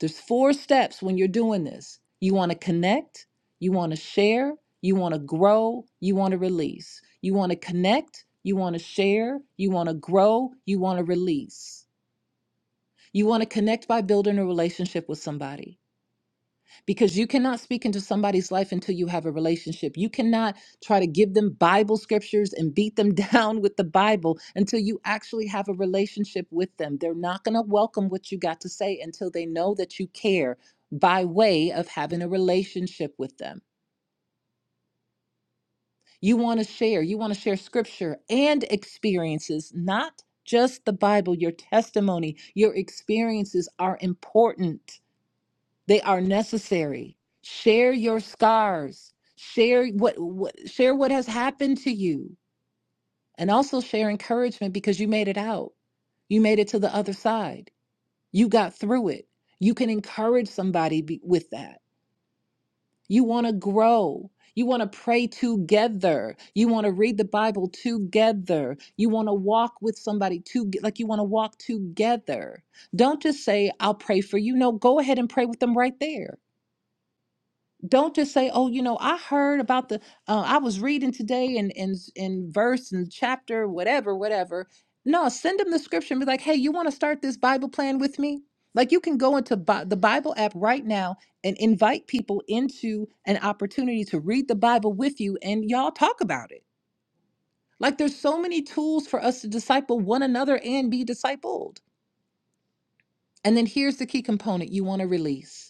There's four steps when you're doing this. You want to connect, you want to share, you want to grow, you want to release. You want to connect, you want to share, you want to grow, you want to release. You want to connect by building a relationship with somebody because you cannot speak into somebody's life until you have a relationship. You cannot try to give them Bible scriptures and beat them [LAUGHS] down with the Bible until you actually have a relationship with them. They're not going to welcome what you got to say until they know that you care by way of having a relationship with them. You want to share, you want to share scripture and experiences, not just the Bible, your testimony, your experiences are important. They are necessary. Share your scars. Share what, what share what has happened to you and also share encouragement because you made it out. You made it to the other side. You got through it. You can encourage somebody be, with that. You want to grow. You want to pray together. You want to read the Bible together. You want to walk with somebody to like you want to walk together. Don't just say I'll pray for you. No, go ahead and pray with them right there don't just say oh you know i heard about the uh, i was reading today in in in verse and chapter whatever whatever no send them the scripture and be like hey you want to start this bible plan with me like you can go into Bi- the bible app right now and invite people into an opportunity to read the bible with you and y'all talk about it like there's so many tools for us to disciple one another and be discipled and then here's the key component you want to release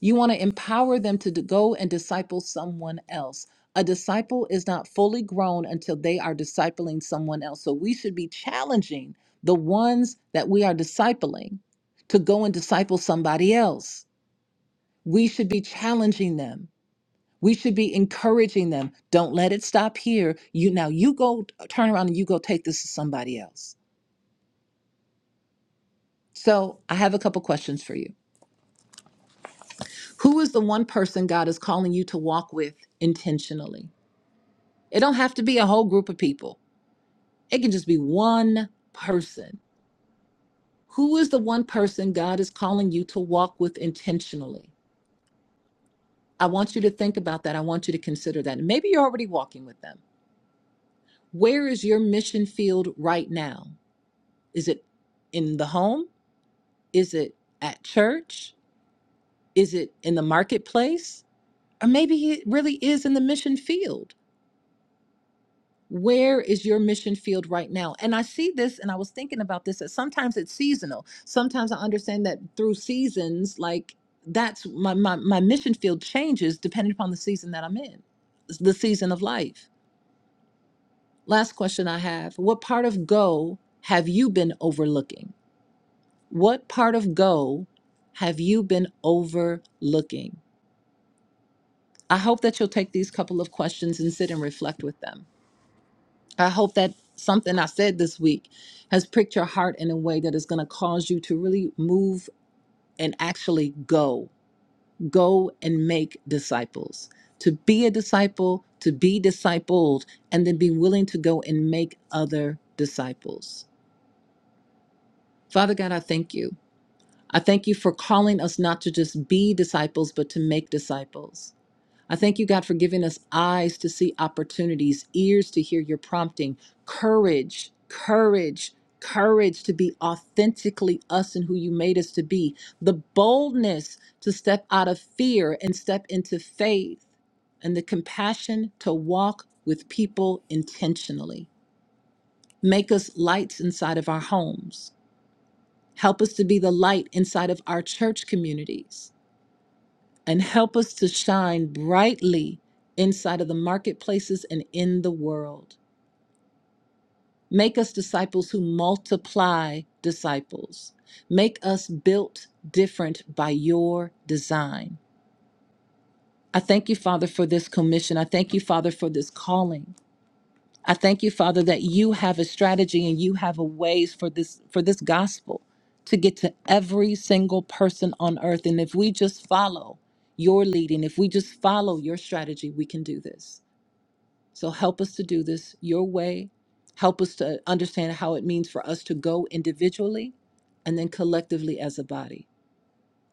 You want to empower them to d- go and disciple someone else. A disciple is not fully grown until they are discipling someone else. So we should be challenging the ones that we are discipling to go and disciple somebody else. We should be challenging them. We should be encouraging them. Don't let it stop here. You now you go uh, turn around and you go take this to somebody else. So, I have a couple questions for you. Who is the one person God is calling you to walk with intentionally? It don't have to be a whole group of people. It can just be one person. Who is the one person God is calling you to walk with intentionally? I want you to think about that. I want you to consider that. And maybe you're already walking with them. Where is your mission field right now? Is it in the home? Is it at church? Is it in the marketplace? Or maybe it really is in the mission field. where is your mission field right now and i see this and i was thinking about this that sometimes it's seasonal sometimes i understand that through seasons like that's my my, my mission field changes depending upon the season that i'm in the season of life last question i have what part of go have you been overlooking what part of go have you been overlooking i hope that you'll take these couple of questions and sit and reflect with them I hope that something I said this week has pricked your heart in a way that is going to cause you to really move and actually go. Go and make disciples. To be a disciple, to be discipled, and then be willing to go and make other disciples. Father God, I thank you. I thank you for calling us not to just be disciples, but to make disciples. I thank you, God, for giving us eyes to see opportunities, ears to hear your prompting, courage, courage, courage to be authentically us and who you made us to be, the boldness to step out of fear and step into faith, and the compassion to walk with people intentionally. Make us lights inside of our homes. Help us to be the light inside of our church communities and help us to shine brightly inside of the marketplaces and in the world. Make us disciples who multiply disciples. Make us built different by your design. I thank you, Father, for this commission. I thank you, Father, for this calling. I thank you, Father, that you have a strategy and you have a ways for this for this gospel to get to every single person on earth. And if we just follow your leading, if we just follow your strategy, we can do this. So help us to do this your way. Help us to understand how it means for us to go individually and then collectively as a body.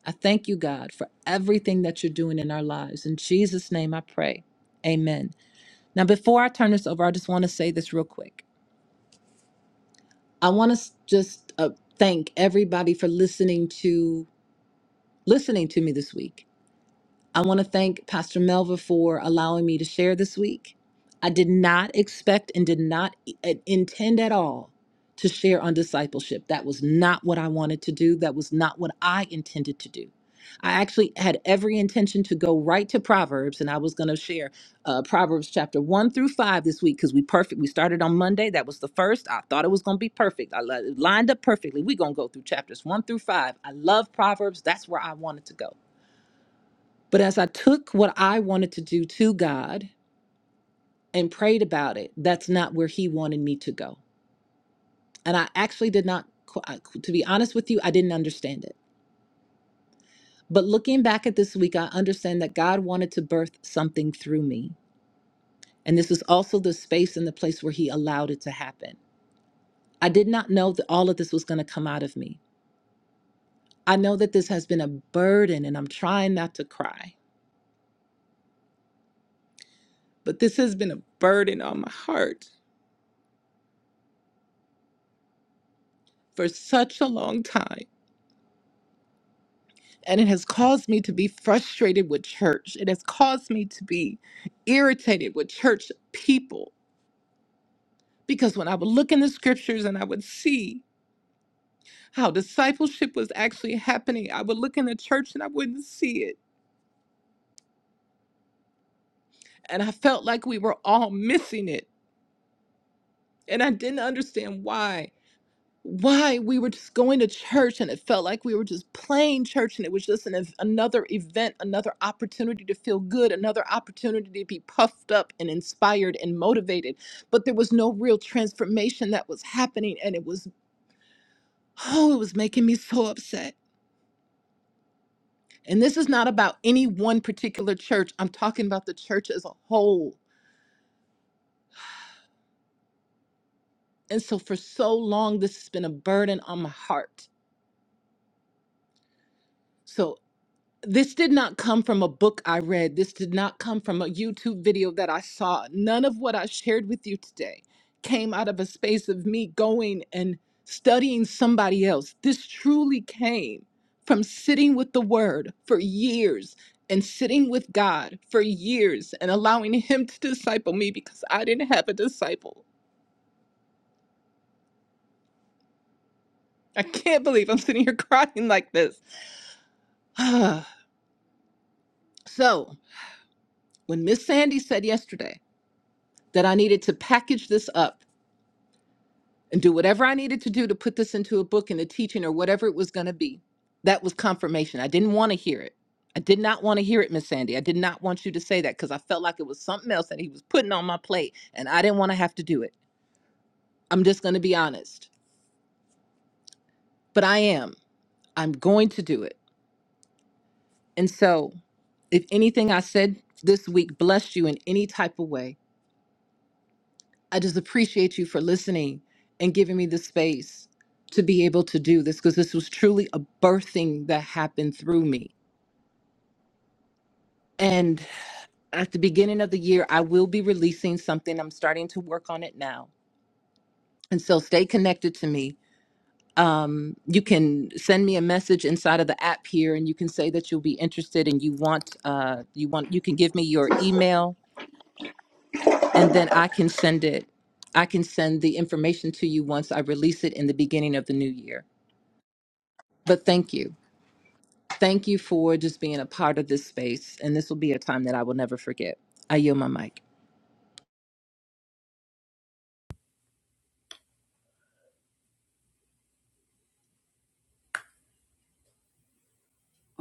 I thank you, God, for everything that you're doing in our lives. In Jesus' name I pray. Amen. Now, before I turn this over, I just want to say this real quick. I want to just uh, thank everybody for listening to listening to me this week. I want to thank Pastor Melva for allowing me to share this week. I did not expect and did not i- uh, intend at all to share on discipleship. That was not what I wanted to do. That was not what I intended to do. I actually had every intention to go right to Proverbs, and I was going to share uh, Proverbs chapter one through five this week because we perfect. We started on Monday. That was the first. I thought it was going to be perfect. I li- lined up perfectly. We're going to go through chapters one through five. I love Proverbs. That's where I wanted to go. But as I took what I wanted to do to God and prayed about it, that's not where He wanted me to go. And I actually did not, qu- I- to be honest with you, I didn't understand it. But looking back at this week, I understand that God wanted to birth something through me. And this is also the space and the place where He allowed it to happen. I did not know that all of this was going to come out of me. I know that this has been a burden, and I'm trying not to cry, but this has been a burden on my heart for such a long time And it has caused me to be frustrated with church. It has caused me to be irritated with church people. Because when I would look in the scriptures and I would see how discipleship was actually happening, I would look in the church and I wouldn't see it. And I felt like we were all missing it. And I didn't understand why. why we were just going to church and it felt like we were just playing church and it was just an, ev- another event, another opportunity to feel good, another opportunity to be puffed up and inspired and motivated. But there was no real transformation that was happening and it was, oh, it was making me so upset. And this is not about any one particular church, I'm talking about the church as a whole. And so for so long, this has been a burden on my heart. So. this did not come from a book I read. This did not come from a YouTube video that I saw. None of what I shared with you today came out of a space of me going and studying somebody else. This truly came from sitting with the Word for years and sitting with God for years and allowing Him to disciple me because I didn't have a disciple. I can't believe I'm sitting here [LAUGHS] crying like this. [SIGHS] so, when Miss Sandy said yesterday that I needed to package this up, and do whatever I needed to do to put this into a book and a teaching or whatever it was going to be. That was confirmation. I didn't want to hear it. I did not want to hear it, Miss Sandy. I did not want you to say that because I felt like it was something else that he was putting on my plate and I didn't want to have to do it. I'm just going to be honest, but I am. I'm going to do it. And so, if anything I said this week blessed you in any type of way, I just appreciate you for listening and giving me the space to be able to do this because this was truly a birthing that happened through me. And at the beginning of the year, I will be releasing something. I'm starting to work on it now. And so stay connected to me. Um, you can send me a message inside of the app here and you can say that you'll be interested and you want uh, you want you can give me your email and then I can send it. I can send the information to you once I release it in the beginning of the new year. But thank you. Thank you for just being a part of this space. And this will be a time that I will never forget. I yield my mic.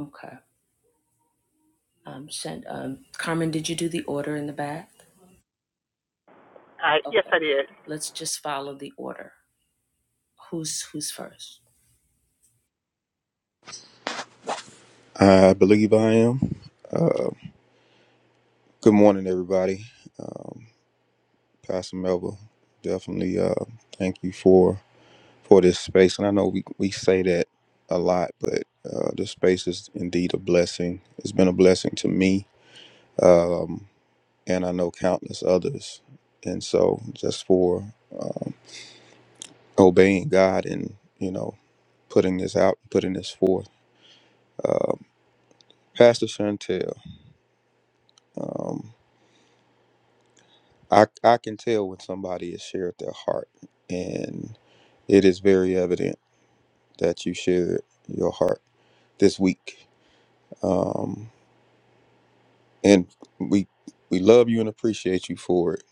Okay. Um, Shan- um, Carmen, did you do the order in the back? I yes, Okay. I did. Let's just follow the order. Who's who's first? I believe I am. Good morning, everybody. Pastor Melba, definitely uh, thank you for for this space. And I know we, we say that a lot, but uh, this space is indeed a blessing. It's been a blessing to me, and I know countless others. And so, just for obeying God and you know putting this out, putting this forth, uh, Pastor Chantel, um, I I can tell when somebody has shared their heart and it is very evident. that you shared your heart this week. Um, and we we love you and appreciate you for it.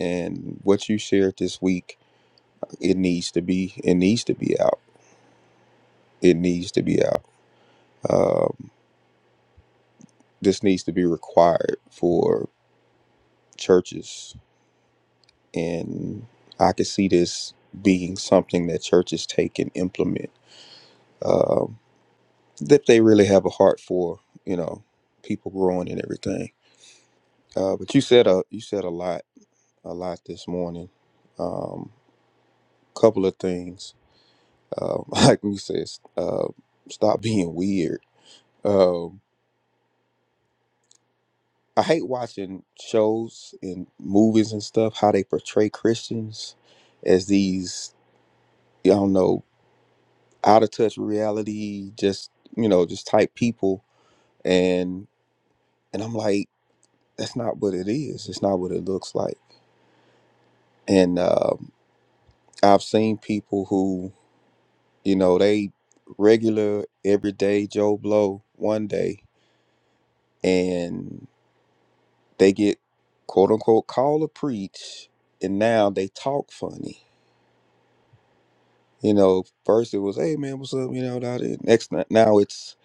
And what you shared this week, it needs to be it needs to be out. It needs to be out. Um, this needs to be required for churches, and I could see this being something that churches take and implement um, that they really have a heart for. You know, people growing and everything. Uh, but you said a you said a lot a lot this morning. Um, couple of things, um, [LAUGHS] like you said, uh, stop being weird. Um, I hate watching shows and movies and stuff how they portray Christians as these, I don't know, out of touch reality, just you know, just type people, and and I'm like, that's not what it is. It's not what it looks like. And um, I've seen people who You know, they regular everyday Joe Blow one day and they get quote unquote call or preach and now they talk funny. You know, first it was, hey man, what's up? You know, da- da. next n- now it's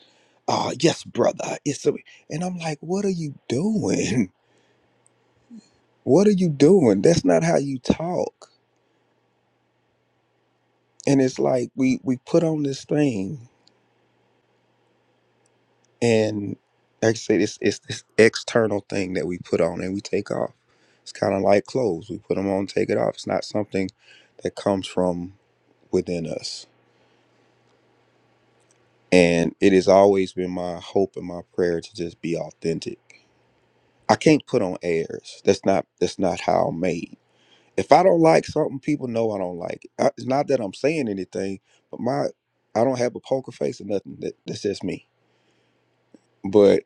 ah yes, brother. It's a and I'm like, what are you doing? [LAUGHS] What are you doing? That's not how you talk. And it's like we we put on this thing and like I said, it's it's this external thing that we put on and we take off. It's kind of like clothes; we put them on, take it off. It's not something that comes from within us. And it has always been my hope and my prayer to just be authentic. I can't put on airs. That's not that's not how I'm made. If I don't like something, people know I don't like it. I, it's not that I'm saying anything, but my I don't have a poker face or nothing. That, that's just me. But.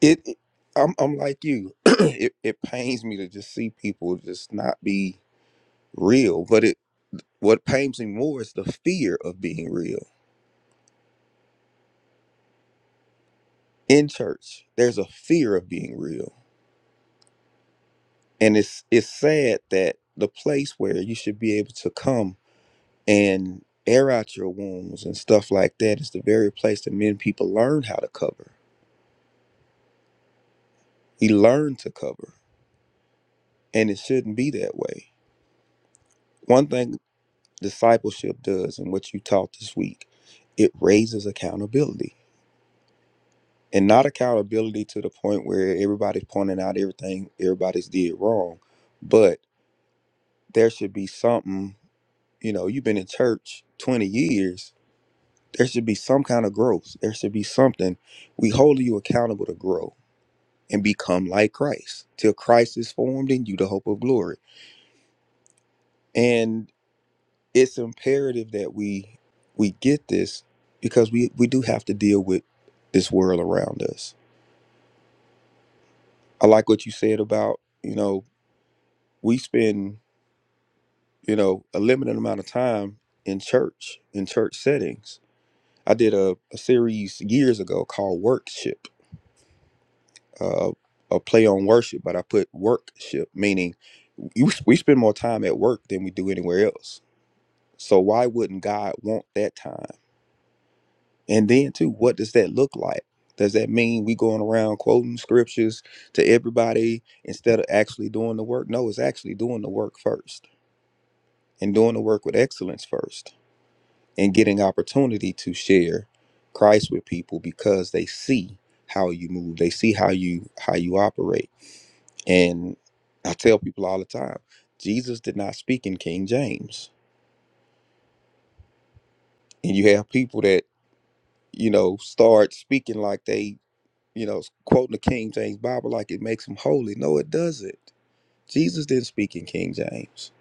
It, it- I'm, I'm like you. [CLEARS THROAT] it, it pains me to just see people just not be real. But it, what pains me more is the fear of being real in church. There's a fear of being real, and it's it's sad that the place where you should be able to come and air out your wounds and stuff like that is the very place that men people learn how to cover. We learn to cover, and it shouldn't be that way. One thing discipleship does and what you taught this week, it raises accountability. And not accountability to the point where everybody's pointing out everything everybody's did wrong, but there should be something, you know, you've been in church 20 years, there should be some kind of growth. There should be something. We hold you accountable to grow and become like Christ till Christ is formed in you, the hope of glory. and. it's imperative that we we get this because we we do have to deal with this world around us. I like what you said about you know we spend you know a limited amount of time in church in church settings. I did a, a series years ago called Workship, uh, a play on worship, but I put workship meaning you, we spend more time at work than we do anywhere else. So why wouldn't God want that time? And then too, what does that look like? Does that mean we going around quoting scriptures to everybody instead of actually doing the work? No, it's actually doing the work first and doing the work with excellence first and getting opportunity to share Christ with people because they see how you move. They see how you how you operate. And I tell people all the time, Jesus did not speak in King James. And you have people that, you know, start speaking like they you know, quoting the King James Bible like it makes him holy. No, it doesn't. Jesus didn't speak in King James.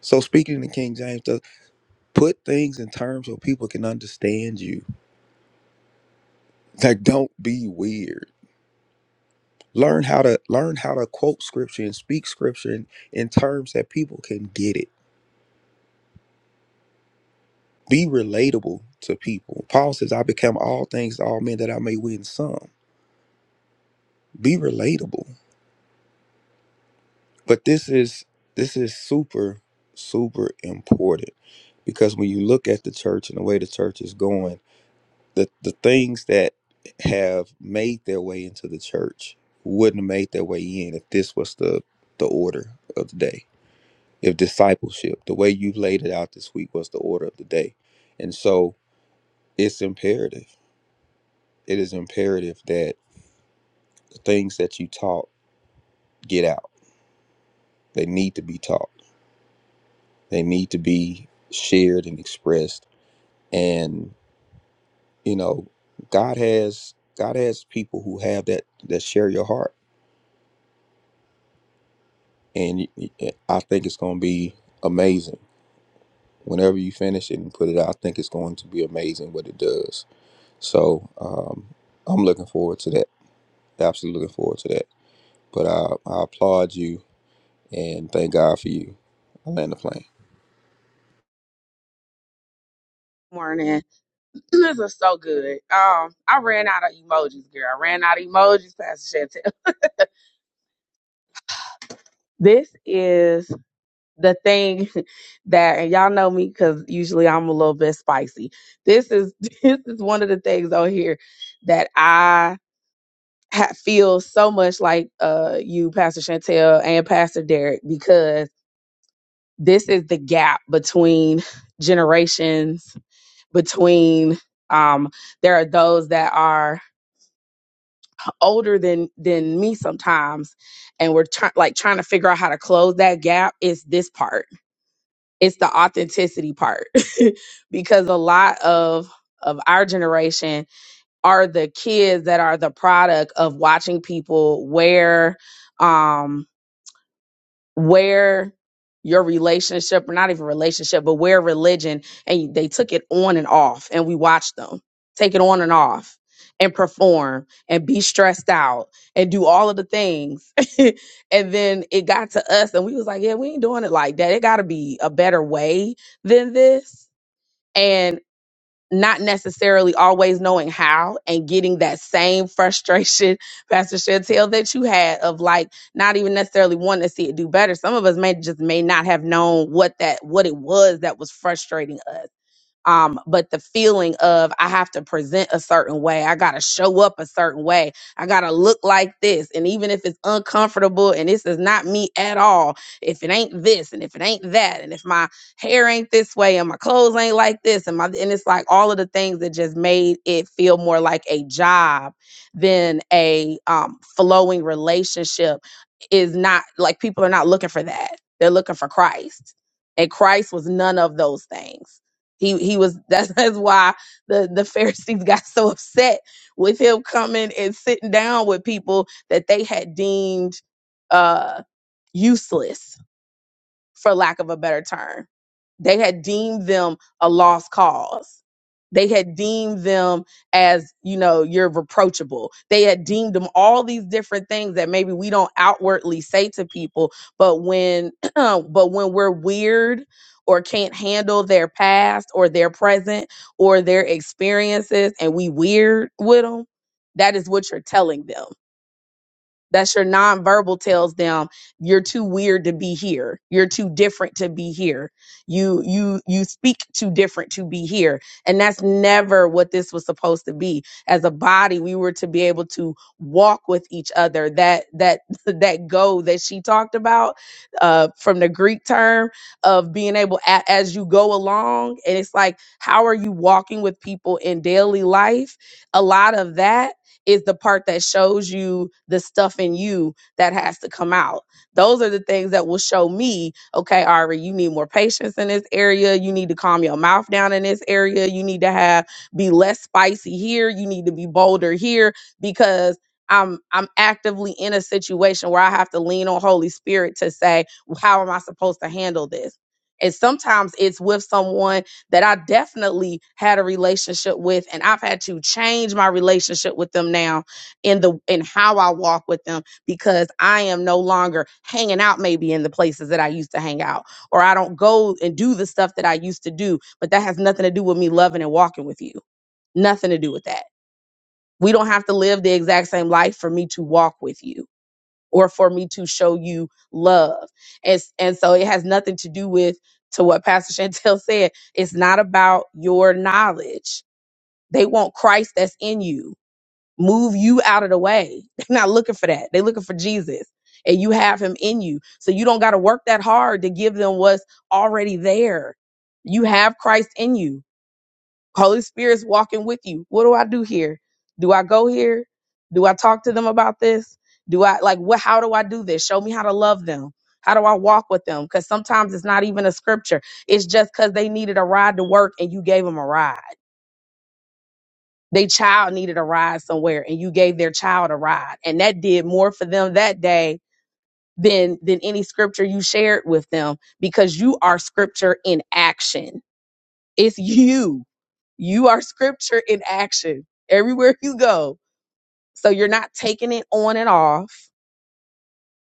So speaking in King James does put things in terms where people can understand you. Like don't be weird. Learn how to learn how to quote scripture and speak scripture in, in terms that people can get it. Be relatable to people. Paul says, I become all things to all men that I may win some. Be relatable. But this is this is super super important because when you look at the church and the way the church is going, the the things that have made their way into the church wouldn't have made their way in if this was the the order of the day. If discipleship, the way you laid it out this week was the order of the day. And so it's imperative. It is imperative that the things that you taught get out. They need to be taught. They need to be shared and expressed and you know god has god has people who have that that share your heart and y- y- eh, i think it's going to be amazing whenever you finish it and put it out i think it's going to be amazing what it does so um, i'm looking forward to that absolutely looking forward to that but i, I applaud you and thank god for you i land the plane morning. [LAUGHS] This is so good. Um, I ran out of emojis, girl. I ran out of emojis, Pastor Chantel. [LAUGHS] This is the thing [LAUGHS] that and y'all know me because usually I'm a little bit spicy. This is [LAUGHS] this is one of the things on here that I ha- feel so much like uh you, Pastor Chantel, and Pastor Derek because this is the gap between [LAUGHS] generations, between um there are those that are older than than me sometimes and we're trying like trying to figure out how to close that gap is this part it's the authenticity part [LAUGHS] because a lot of of our generation are the kids that are the product of watching people wear um, where your relationship or not even relationship but where religion and they took it on and off and we watched them take it on and off and perform and be stressed out and do all of the things [LAUGHS] and then it got to us and we was like yeah we ain't doing it like that it got to be a better way than this not necessarily always knowing how and getting that same frustration, [LAUGHS] Pastor Chantel, that you had of like not even necessarily wanting to see it do better. Some of us may just may not have known what that what it was that was frustrating us um but the feeling of i have to present a certain way i gotta show up a certain way i gotta look like this and even if it's uncomfortable and this is not me at all if it ain't this and if it ain't that and if my hair ain't this way and my clothes ain't like this and my and it's like all of the things that just made it feel more like a job than a um flowing relationship is not like people are not looking for that they're looking for christ and christ was none of those things he he was [LAUGHS] that's that's why the the Pharisees got so upset with him coming and sitting down with people that they had deemed uh useless for lack of a better term they had deemed them a lost cause. They had deemed them as, you know, you're reproachable. They had deemed them all these different things that maybe we don't outwardly say to people, but when [CLEARS THROAT] but when we're weird or can't handle their past or their present or their experiences and we weird with them, that is what you're telling them that's your nonverbal tells them you're too weird to be here. You're too different to be here. You you you speak too different to be here. And that's never what this was supposed to be. As a body, we were to be able to walk with each other. That that [LAUGHS] that go that she talked about uh from the Greek term of being able a, as you go along and it's like how are you walking with people in daily life? A lot of that is the part that shows you the stuff in you that has to come out. Those are the things that will show me, okay, Ari, you need more patience in this area. You need to calm your mouth down in this area. You need to have be less spicy here. You need to be bolder here because I'm I'm actively in a situation where I have to lean on Holy Spirit to say, how am I supposed to handle this? And sometimes it's with someone that I definitely had a relationship with and I've had to change my relationship with them now in the in how I walk with them because I am no longer hanging out maybe in the places that I used to hang out or I don't go and do the stuff that I used to do but that has nothing to do with me loving and walking with you nothing to do with that we don't have to live the exact same life for me to walk with you or for me to show you love. And, and so it has nothing to do with to what Pastor Chantel [LAUGHS] said. It's not about your knowledge. They want Christ that's in you. Move you out of the way. [LAUGHS] They're not looking for that. They're looking for Jesus. And you have him in you. So you don't got to work that hard to give them what's already there. You have Christ in you. Holy Spirit's walking with you. What do I do here? Do I go here? Do I talk to them about this? Do I like what how do I do this? Show me how to love them. How do I walk with them? Cuz sometimes it's not even a scripture. It's just cuz they needed a ride to work and you gave them a ride. They child needed a ride somewhere and you gave their child a ride. And that did more for them that day than than any scripture you shared with them because you are scripture in action it's you. You are scripture in action everywhere you go. So you're not taking it on and off.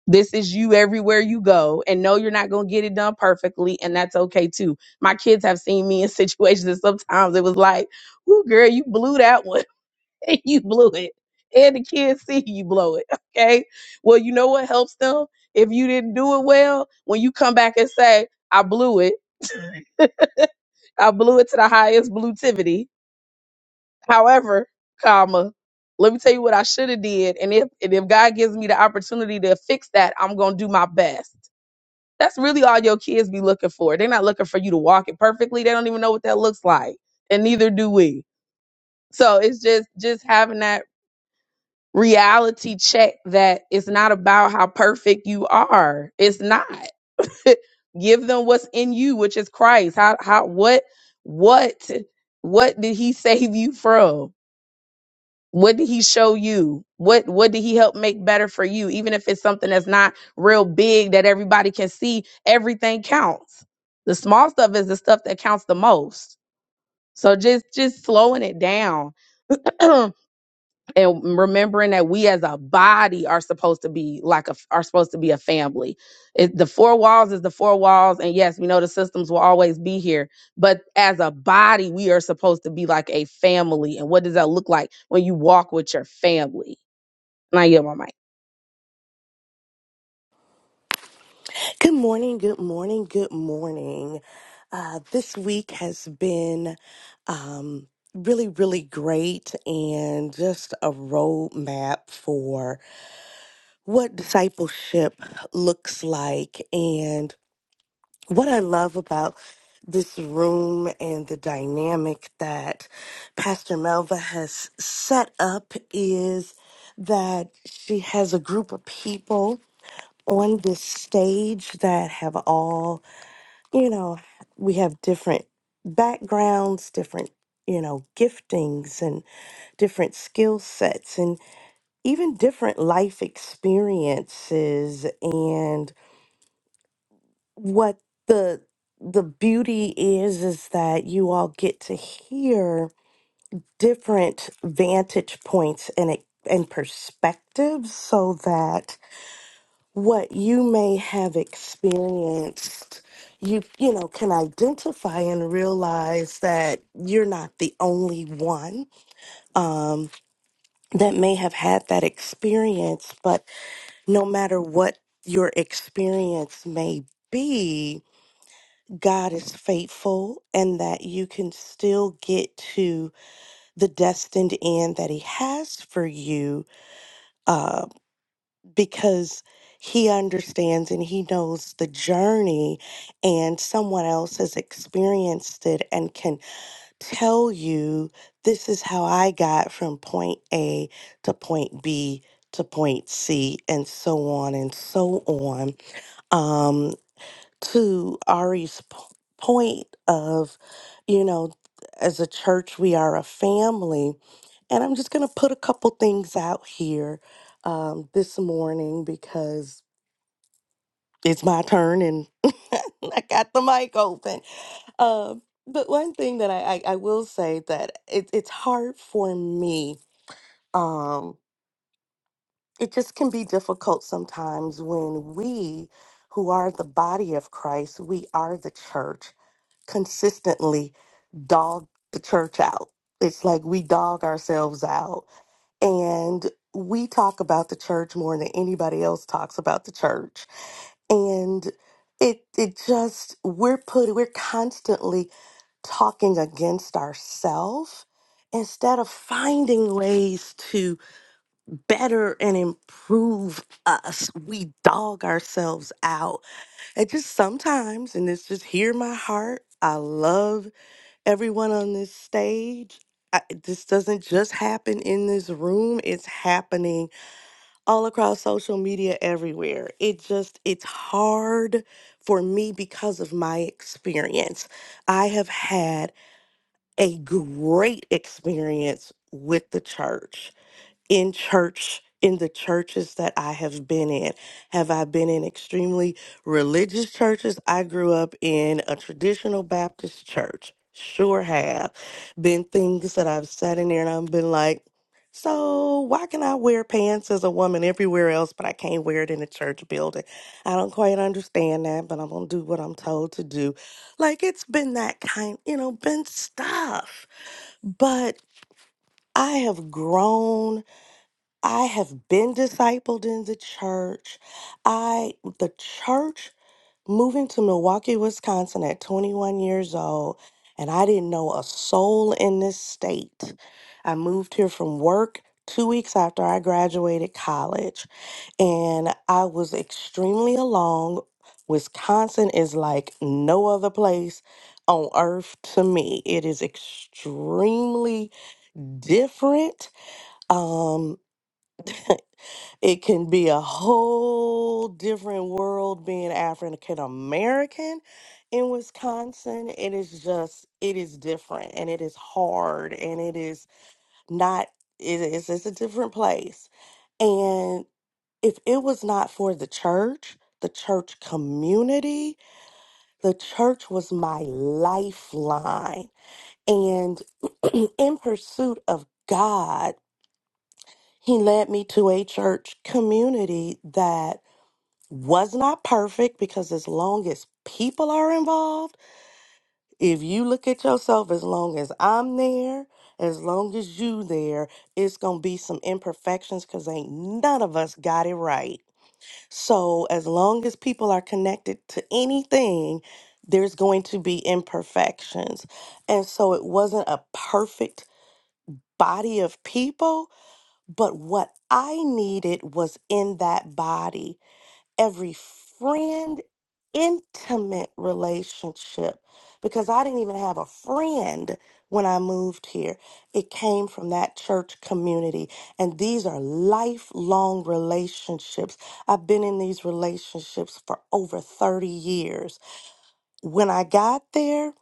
This is you everywhere you go. And no, you're not going to get it done perfectly. And that's okay too. My kids have seen me in [LAUGHS] situations that sometimes it was like, Ooh, girl, you blew that one. [LAUGHS] and you blew it. And the kids see you blow it. [LAUGHS] Okay. Well, you know what helps them? If you didn't do it well, when you come back and say, I blew it, [LAUGHS] I blew it to the highest blutivity However, comma, let me tell you what I should have did. And if and if God gives me the opportunity to fix that, I'm gonna do my best. That's really all your kids be looking for. They're not looking for you to walk it perfectly. They don't even know what that looks like. And neither do we. So it's just just having that reality check that it's not about how perfect you are. It's not. [LAUGHS] Give them what's in you, which is Christ. How how what what what did he [LAUGHS] save you from? What did he show you? What what did he help make better for you? Even if it's something that's not real big that everybody can see, everything counts. The small stuff is the stuff that counts the most. So just just slowing it down [CLEARS THROAT] and remembering that we as a body are supposed to be like a are supposed to be a family. It, the four walls is the four walls, and yes, we know the systems will always be here but as a body we are supposed to be like a family and what does that look like when you walk with your family and I yield my mic. Good morning, good morning, good morning. Uh, this week has been um, really, really great and just a roadmap for what discipleship looks like. And what I love about this room and the dynamic that Pastor Melva has set up is that she has a group of people on this stage that have all you know, we have different backgrounds, different, you know, giftings and different skill sets and even different life experiences and what the the beauty is is that you all get to hear different vantage points and it and perspectives so that what you may have experienced you you know can identify and realize that you're not the only one um that may have had that experience but no matter what your experience may be God is faithful and that you can still get to the destined end that he has for you uh, because he understands and he knows the journey and someone else has experienced it and can tell you this is how I got from point A to point B to point C and so on and so on um to Ari's p- point of you know as a church we are a family and I'm just going to put a couple things out here um, this morning because it's my turn and [LAUGHS] I got the mic open. Um, but one thing that I, I, I will say that it, it's hard for me. Um, it just can be difficult sometimes when we, who are the body of Christ, we are the church, consistently dog the church out. It's like we dog ourselves out. And we talk about the church more than anybody else talks about the church. And it it just we're put we're constantly talking against ourselves instead of finding ways to better and improve us we dog ourselves out and just sometimes and it's just hear my heart i love everyone on this stage. I, this doesn't just happen in this room. It's happening all across social media everywhere. It just, it's hard for me because of my experience. I have had a great experience with the church in church in the churches that I have been in. Have I been in extremely religious churches? I grew up in a traditional Baptist church. Sure have. Been things that I've sat in there and I've been like, so why can I wear pants as a woman everywhere else, but I can't wear it in a church building? I don't quite understand that, but I'm gonna do what I'm told to do. Like it's been that kind, you know, been stuff. But I have grown I have been discipled in the church. I the church moving to Milwaukee, Wisconsin at 21 years old, and I didn't know a soul in this state. I moved here from work 2 weeks after I graduated college, and I was extremely alone. Wisconsin is like no other place on earth to me. It is extremely different. Um. [LAUGHS] it can be a whole different world being African American in Wisconsin. It is just, it is different and it is hard and it is not, it is, it's a different place. And if it was not for the church, the church community, the church was my lifeline. And [CLEARS THROAT] in pursuit of God, he led me to a church community that was not perfect because, as long as people are involved, if you look at yourself, as long as I'm there, as long as you there, it's going to be some imperfections because ain't none of us got it right. So, as long as people are connected to anything, there's going to be imperfections. And so, it wasn't a perfect body of people but what I needed was in that body, every friend, intimate relationship, because I didn't even have a friend when I moved here. It came from that church community. And these are lifelong relationships. I've been in these relationships for over 30 years. When I got there,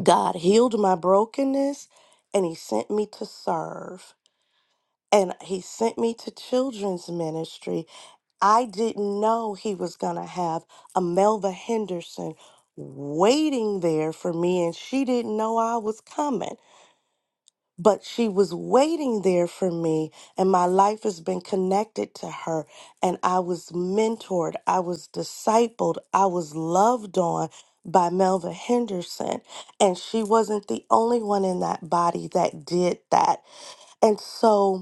God healed my brokenness and He sent me to serve and he sent me to children's ministry. I didn't know he was going to have a Melva Henderson waiting there for me, and she didn't know I was coming, but she was waiting there for me, and my life has been connected to her. And I was mentored, I was discipled, I was loved on. By Melva Henderson, and she wasn't the only one in that body that did that. And so,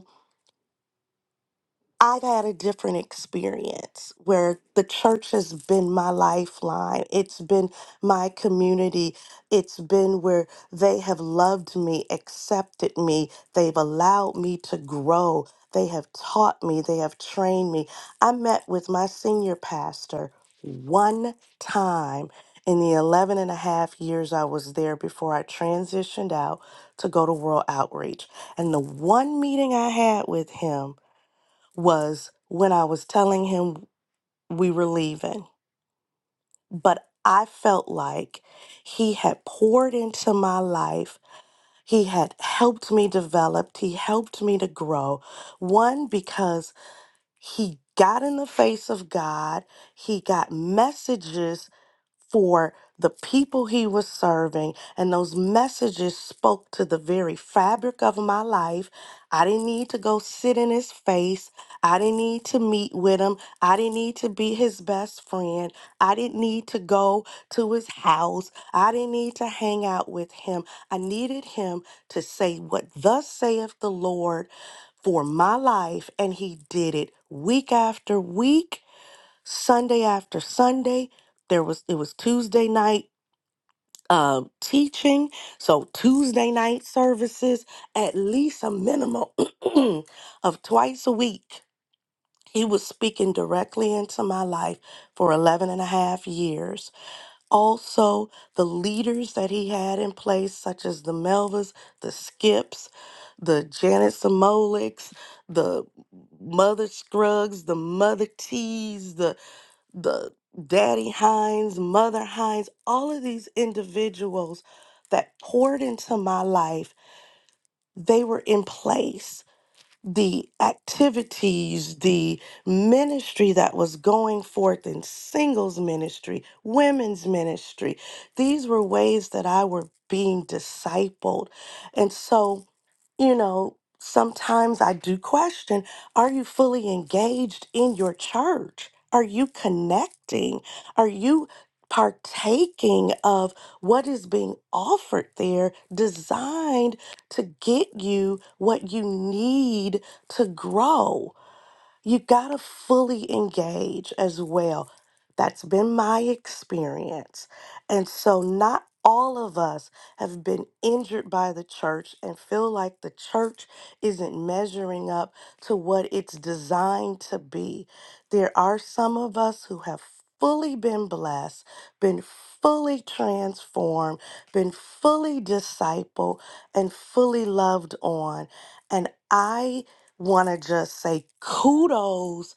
I had a different experience where the church has been my lifeline. It's been my community. It's been where they have loved me, accepted me. They've allowed me to grow. They have taught me. They have trained me. I met with my senior pastor one time in the 11 and a half years I was there before I transitioned out to go to World Outreach. And the one meeting I had with him, was when I was telling him we were leaving, but I felt like he had poured into my life. He had helped me develop. He helped me to grow. One, because he got in the face of God, he got messages for the people he was serving. And those messages spoke to the very fabric of my life. I didn't need to go sit in his face. I didn't need to meet with him. I didn't need to be his best friend. I didn't need to go to his house. I didn't need to hang out with him. I needed him to say what thus saith the Lord for my life. And he did it week after week Sunday after Sunday. There was it was Tuesday night um, teaching, so Tuesday night services at least a minimum [CLEARS THROAT] of twice a week. He was speaking directly into my life for 11 and a half years. Also, the leaders that he had in place, such as the Melvas, the Skips, the Janet Samolics, the Mother Scruggs, the Mother Tees, the the Daddy Hines, Mother Hines, all of these individuals that poured into my life, they were in place. The activities, the ministry that was going forth in singles ministry, women's ministry, these were ways that I were being discipled. And so, you know, sometimes I do question are you fully engaged in your church? Are you connecting? Are you partaking of what is being offered there, designed to get you what you need to grow? you got to fully engage as well. That's been my experience. And so, not all of us have been injured by the church and feel like the church isn't measuring up to what it's designed to be. There are some of us who have fully been blessed, been fully transformed, been fully discipled, and fully loved on. And I want to just say kudos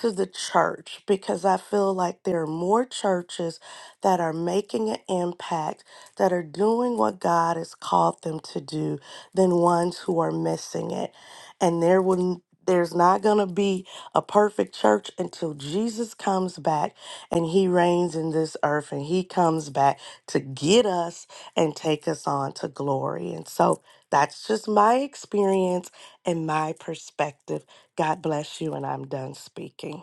to the church because I feel like there are more churches that are making an impact, that are doing what God has called them to do, than ones who are missing it. And there will there's not going to be a perfect church until Jesus comes back and he reigns in this earth and he comes back to get us and take us on to glory. And so that's just my experience and my perspective. God bless you, and I'm done speaking.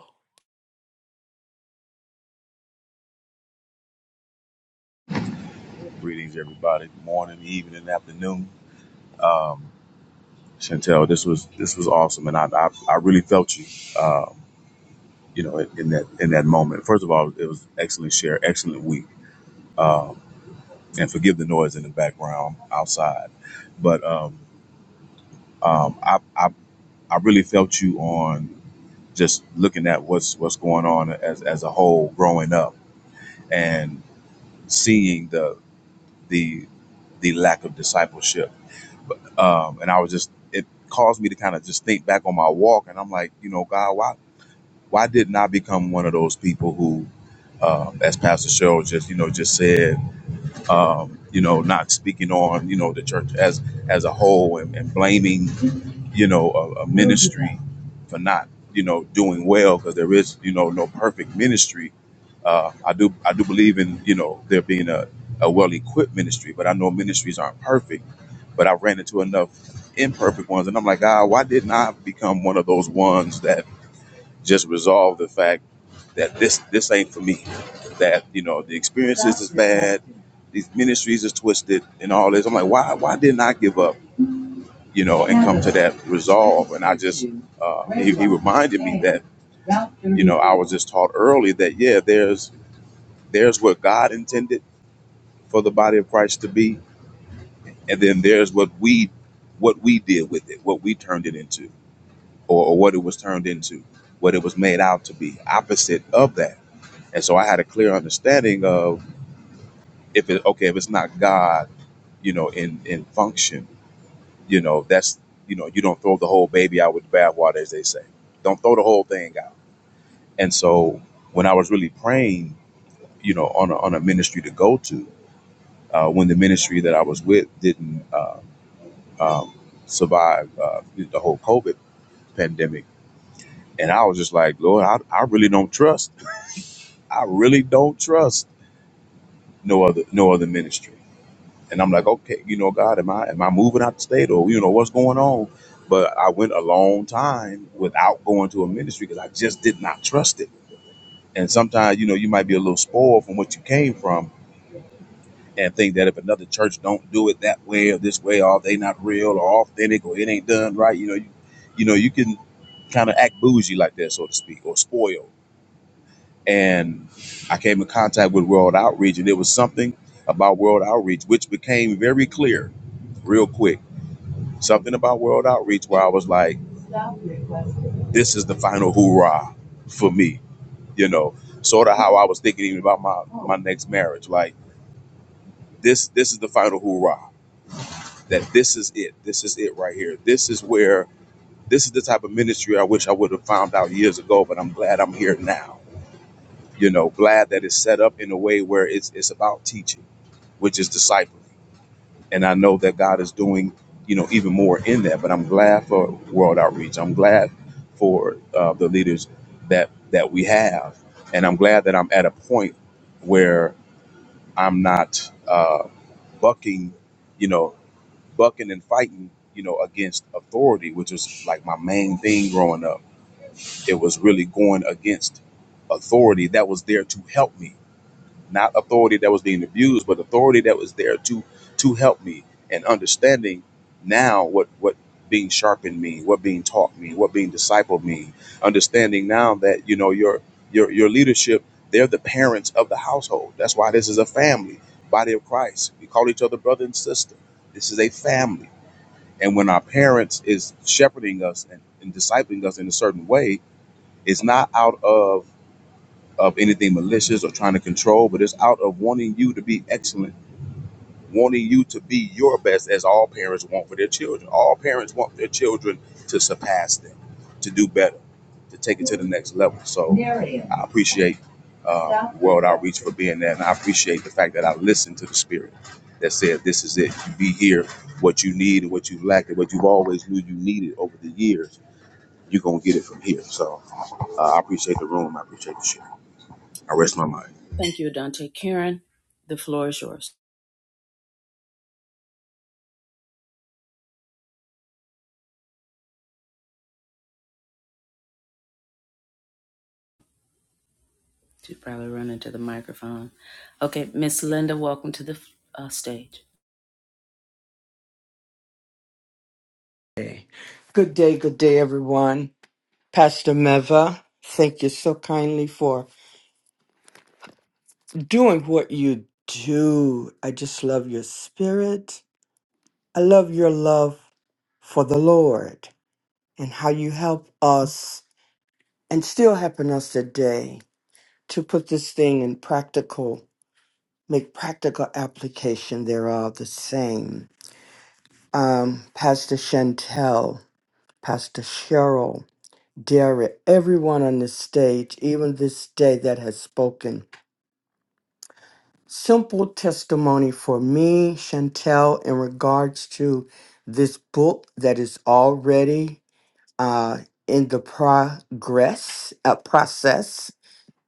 Greetings, everybody. Morning, evening, afternoon. Um, Chantel, this was this was awesome, and I I, I really felt you. Um, you know, in, in that in that moment. First of all, it was excellent share, excellent week. Um, and forgive the noise in the background outside, but um, um, I, I I really felt you on just looking at what's what's going on as as a whole growing up and seeing the the the lack of discipleship um, and I was just it caused me to kind of just think back on my walk, and I'm like, you know, God, why why didn't I become one of those people who, um, as Pastor Cheryl just you know just said, um, you know, not speaking on you know the church as as a whole and, and blaming you know a, a ministry for not you know doing well because there is you know no perfect ministry. Uh, I do I do believe in you know there being a a well equipped ministry, but I know ministries aren't perfect but I ran into enough imperfect ones. And I'm like, ah, why didn't I become one of those ones that just resolve the fact that this this ain't for me? That, you know, the experiences is bad, these ministries is twisted and all this. I'm like, why why didn't I give up, you know, and come to that resolve? And I just uh, he, he reminded me that, you know, I was just taught early that yeah, there's there's what God intended for the body of Christ to be and then there's what we what we did with it what we turned it into or, or what it was turned into what it was made out to be opposite of that and so i had a clear understanding of if it okay if it's not god you know in in function you know that's you know you don't throw the whole baby out with the bathwater as they say don't throw the whole thing out and so when i was really praying you know on a, on a ministry to go to uh, when the ministry that i was with didn't uh, um, survive uh, the whole covid pandemic. And I was just like, Lord, I, I really don't trust. I really don't trust no other no other ministry. And I'm like, okay, you know, God, am I am I moving out the state or you know what's going on? But I went a long time without going to a ministry because I just did not trust it. And sometimes, you know, you might be a little spoiled from what you came from and think that if another church don't do it that way or this way, or they not real or authentic or it ain't done right, you know, you, you know, you can kind of act bougie like that, so to speak, or spoiled. and I came in contact with World Outreach, and there was something about World Outreach which became very clear real quick. Something about World Outreach where I was like, this is the final hoorah for me, you know, sort of how I was thinking even about my, my next marriage. Like, this, this is the final hoorah, that this is it. This is it right here. This is where, this is the type of ministry I wish I would have found out years ago, but I'm glad I'm here now you know, glad that it's set up in a way where it's it's about teaching, which is discipling. And I know that God is doing, you know, even more in that. But I'm glad for World Outreach. I'm glad for uh, the leaders that that we have, and I'm glad that I'm at a point where I'm not uh, bucking, you know, bucking and fighting, you know, against authority, which was like my main thing growing up. It was really going against authority that was there to help me not authority that was being abused, but authority that was there to to help me and understanding now what what being sharpened mean, what being taught mean, what being discipled mean. Understanding now that you know your your your leadership, they're the parents of the household. That's why this is a family, body of Christ. We call each other brother and sister. This is a family. And when our parents is shepherding us and, and discipling us in a certain way, it's not out of of anything malicious or trying to control, but it's out of wanting you to be excellent, wanting you to be your best, as all parents want for their children. All parents want their children to surpass them, to do better, to take it to the next level. So I appreciate uh, World Outreach for being there, and I appreciate the fact that I listened to the spirit that said, This is it. You be here, what you need and what you lack, and what you've always knew you needed over the years. You're going to get it from here. So uh, I appreciate the room. I appreciate the share. I rest my mind. Thank you, Dante. Karen, the floor is yours. You probably run into the microphone. Okay, Miss Linda, welcome to the uh, stage. Hey. Good day, good day, everyone. Pastor Meva, thank you so kindly for doing what you do. I just love your spirit. I love your love for the Lord and how you help us and still helping us today to put this thing in practical, make practical application thereof the same. Um, Pastor Chantel, Pastor Cheryl, Dare everyone on this stage, even this day that has spoken. Simple testimony for me, Chantel, in regards to this book that is already uh, in the progress uh, process.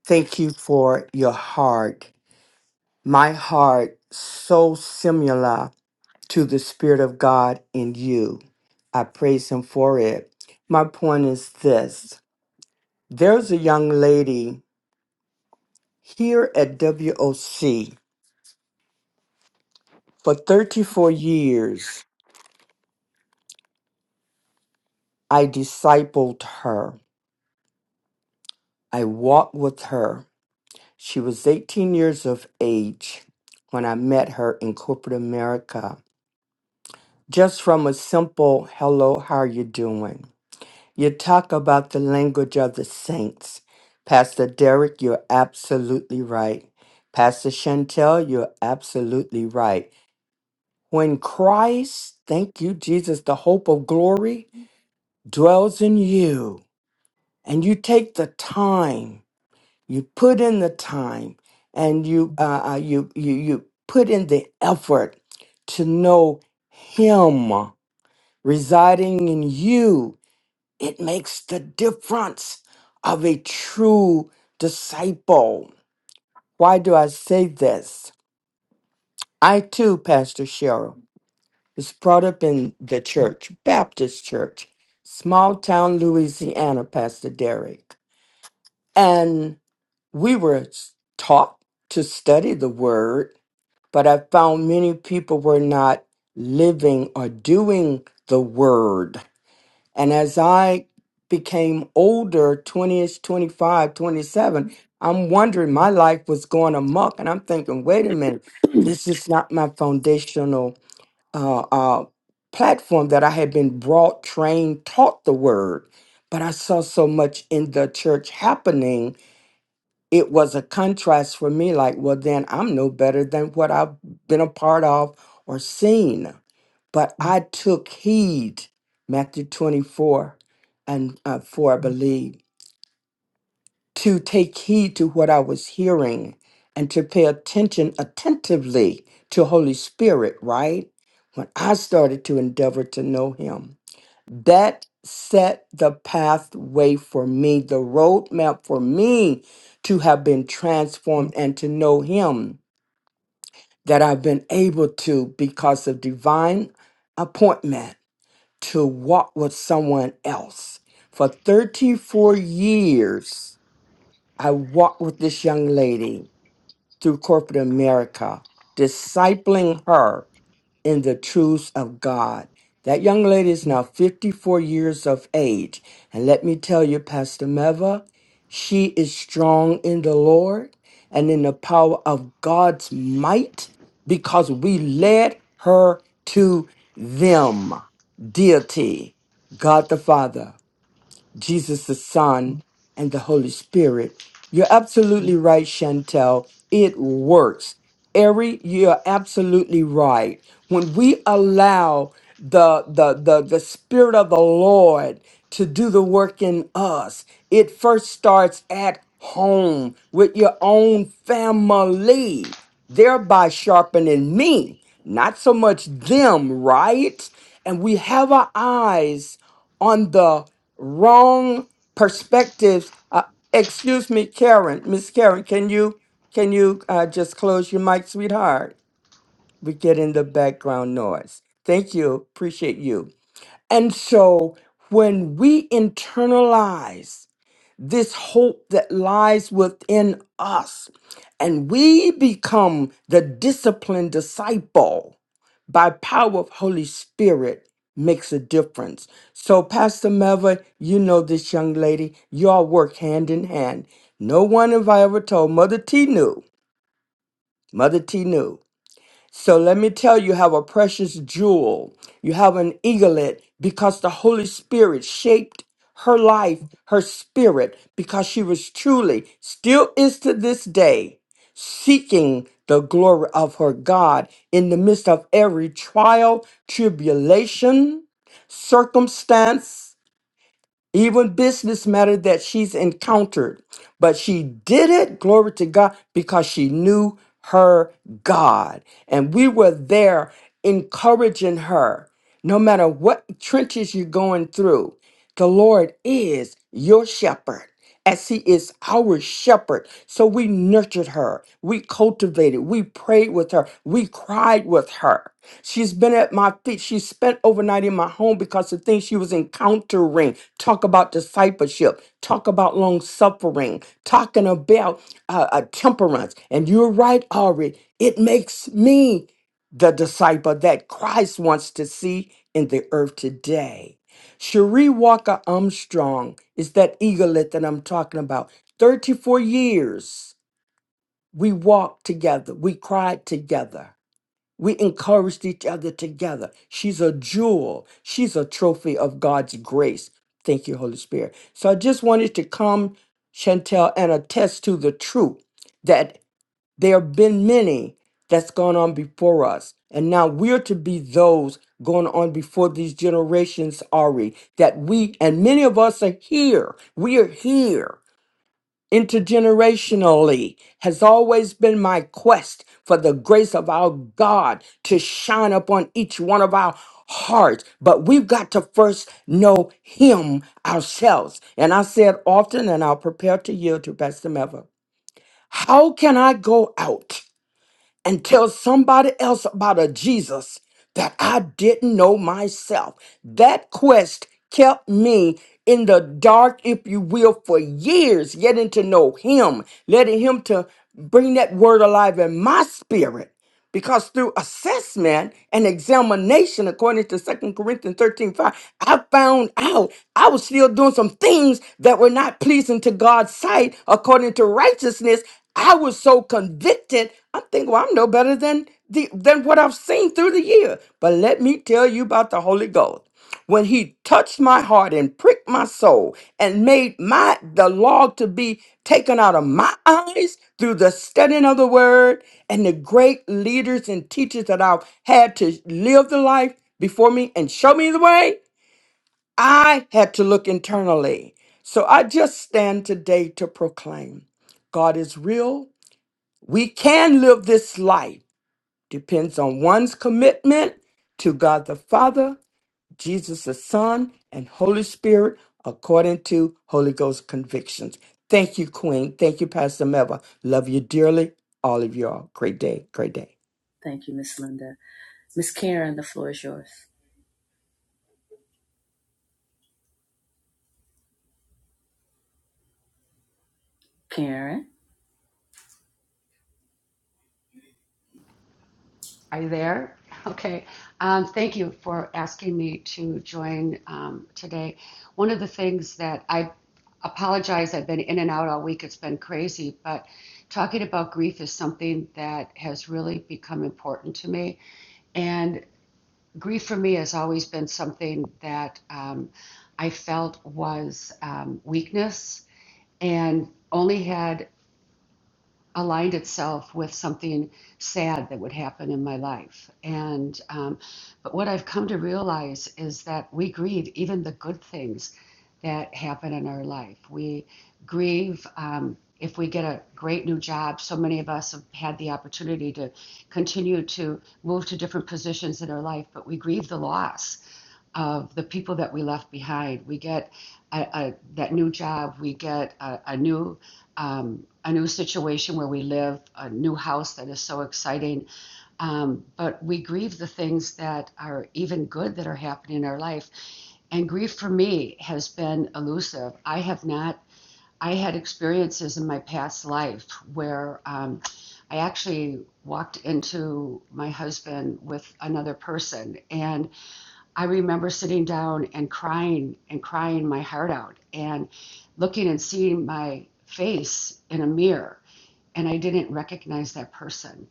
Thank you for your heart. My heart, so similar to the Spirit of God in you. I praise Him for it. My point is this there's a young lady Here at WOC, for 34 years, I discipled her. I walked with her. She was 18 years of age when I met her in corporate America. Just from a simple hello, how are you doing? You talk about the language of the saints. Pastor Derek, you're absolutely right. Pastor Chantel, you're absolutely right. When Christ, thank you, Jesus, the hope of glory, dwells in you and you take the time you put in the time and you uh, uh, you you you put in the effort to know him residing in you it makes the difference of a true disciple why do i say this i too pastor cheryl was brought up in the church baptist church small town louisiana pastor derek and we were taught to study the word, but I found many people were not living or doing the word. And as I became older, 20 ish, 25, twenty-seven, I'm wondering, my life was going amok. And I'm thinking, wait a minute, this is not my foundational uh, uh, platform that I had been brought, trained, taught the word. But I saw so much in the church happening it was a contrast for me like well then i'm no better than what i've been a part of or seen but i took heed matthew 24 and uh, 4 i believe to take heed to what i was hearing and to pay attention attentively to holy spirit right when i started to endeavor to know him that set the pathway for me, the roadmap for me to have been transformed and to know Him that I've been able to, because of divine appointment, to walk with someone else. For 34 years, I walked with this young lady through corporate America, discipling her in the truths of God. That young lady is now 54 years of age. And let me tell you, Pastor Meva, she is strong in the Lord and in the power of God's might because we led her to them, deity, God the Father. Jesus the Son, and the Holy Spirit. You're absolutely right, Chantel. It works. Every you're absolutely right. When we allow the, the the the Spirit of the Lord to do the work in us, it first starts at home with your own family, thereby sharpening me, not so much them, right? And we have our eyes on the wrong perspectives. Uh, excuse me, Karen, Miss Karen, can you can you uh, just close your mic, sweetheart? we get in the background noise. Thank you. Appreciate you. And so when we internalize this hope that lies within us and we become the disciplined disciple by power of holy spirit makes a difference so pastor meva you know this young lady y'all work hand in hand no one have i ever told mother t knew mother t knew so let me tell you, you have a precious jewel. You have an eaglet because the Holy Spirit shaped her life, her spirit, because she was truly, still is to this day, seeking the glory of her God in the midst of every trial, tribulation, circumstance even business matter that she's encountered. But she did it, glory to God, because she knew her God. And we were there encouraging her. No matter what trenches you're going through, the Lord is your shepherd. As he is our shepherd. So we nurtured her. We cultivated. We prayed with her. We cried with her She's been at my feet. She spent overnight in my home because the things she was encountering. Talk about discipleship. Talk about long suffering. Talking about uh, uh, temperance. And you're right, Ari. It makes me the disciple that Christ wants to see in the earth today. Cherie Walker Armstrong is that eaglet that I'm talking about. 34 years we walked together, we cried together. We encouraged each other together. She's a jewel. She's a trophy of God's grace. Thank you, Holy Spirit. So I just wanted to come, Chantel, and attest to the truth that there have been many that's gone on before us. And now we're to be those going on before these generations, Ari, that we, and many of us are here. We are here intergenerationally has always been my quest for the grace of our God to shine upon each one of our hearts. But we've got to first know Him ourselves. And I said often, and I'll prepare to yield to Pastor Meva, how can I go out? and tell somebody else about a Jesus that I didn't know myself. That quest kept me in the dark, if you will, for years, getting to know Him, letting Him to bring that word alive in my spirit because through assessment and examination, according to Second Corinthians 13 5, I found out I was still doing some things that were not pleasing to God's sight according to righteousness. I was so convicted. I'm thinking, well, I'm no better than the, than what I've seen through the year. But let me tell you about the Holy Ghost when he touched my heart and pricked my soul and made my the log to be taken out of my eyes through the studying of the word and the great leaders and teachers that I've had to live the life before me and show me the way, I had to look internally. So I just stand today to proclaim God is real. We can live this life. Depends on one's commitment to God the Father Jesus the Son, and Holy Spirit according to Holy Ghost convictions. Thank you, Queen. Thank you, Pastor Melva. Love you dearly. All of y'all. Great day. Great day. Thank you, Miss Linda. Miss Karen, the floor is yours. Karen, Are you there? Okay. Um, thank you for asking me to join um, today. One of the things that I apologize, I've been in and out all week. It's been crazy, but talking about grief is something that has really become important to me. And grief for me has always been something that um, I felt was um, weakness and only had aligned itself with something sad that would happen in my life. And um, but what I've come to realize is that we grieve even the good things that happen in our life. We grieve um, if we get a great new job. So many of us have had the opportunity to continue to move to different positions in our life, but we grieve the loss of the people that we left behind. We get a, a, that new job. We get a, a new um, a new situation where we live, a new house that is so exciting. Um, but we grieve the things that are even good that are happening in our life. And grief for me has been elusive. I have not. I had experiences in my past life where um, I actually walked into my husband with another person, and I remember sitting down and crying and crying my heart out and looking and seeing my face in a mirror and I didn't recognize that person.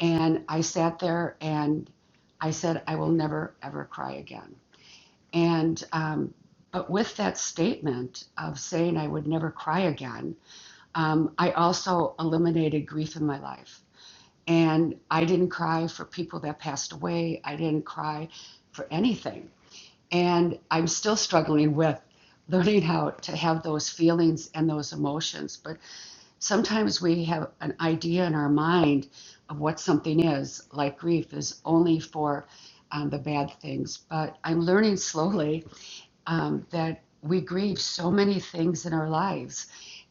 And I sat there and I said, I will never ever cry again. And um, but with that statement of saying I would never cry again, um, I also eliminated grief in my life. And I didn't cry for people that passed away. I didn't cry for anything and I'm still struggling with learning how to have those feelings and those emotions. But sometimes we have an idea in our mind of what something is, like grief is only for um, the bad things. But I'm learning slowly um, that we grieve so many things in our lives.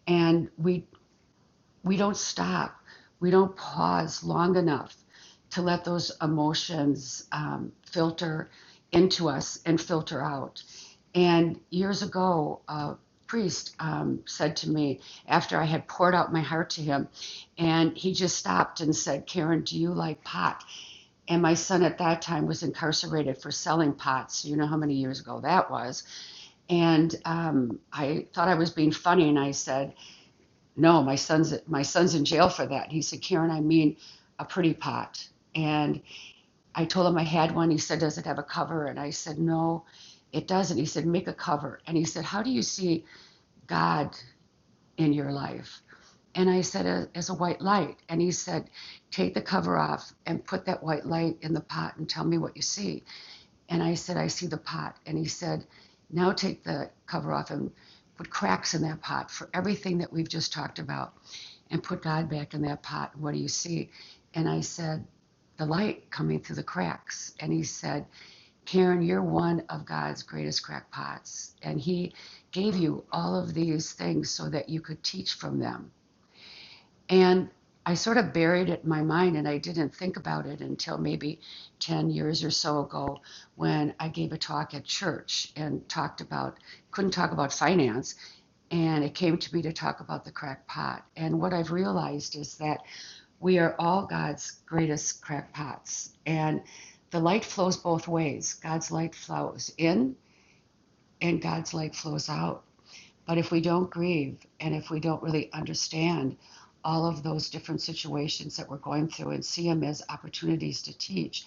And we we don't stop we don't pause long enough to let those emotions um, filter into us and filter out and years ago a priest um, said to me after i had poured out my heart to him and he just stopped and said karen do you like pot and my son at that time was incarcerated for selling pot so you know how many years ago that was and um, i thought i was being funny and i said no, my son's my son's in jail for that. He said, Karen, I mean a pretty pot. And I told him I had one. He said, Does it have a cover? And I said, No, it doesn't. He said, Make a cover. And he said, How do you see God in your life? And I said, As a white light. And he said, Take the cover off and put that white light in the pot and tell me what you see. And I said, I see the pot. And he said, Now take the cover off and put cracks in that pot for everything that we've just talked about and put God back in that pot. What do you see? And I said, the light coming through the cracks. And he said, Karen, you're one of God's greatest crackpots. And he gave you all of these things so that you could teach from them. And I sort of buried it in my mind and I didn't think about it until maybe 10 years or so ago when I gave a talk at church and talked about, couldn't talk about finance. And it came to me to talk about the crack pot. And what I've realized is that we are all God's greatest crackpots. And the light flows both ways. God's light flows in and God's light flows out. But if we don't grieve and if we don't really understand all of those different situations that we're going through and see them as opportunities to teach,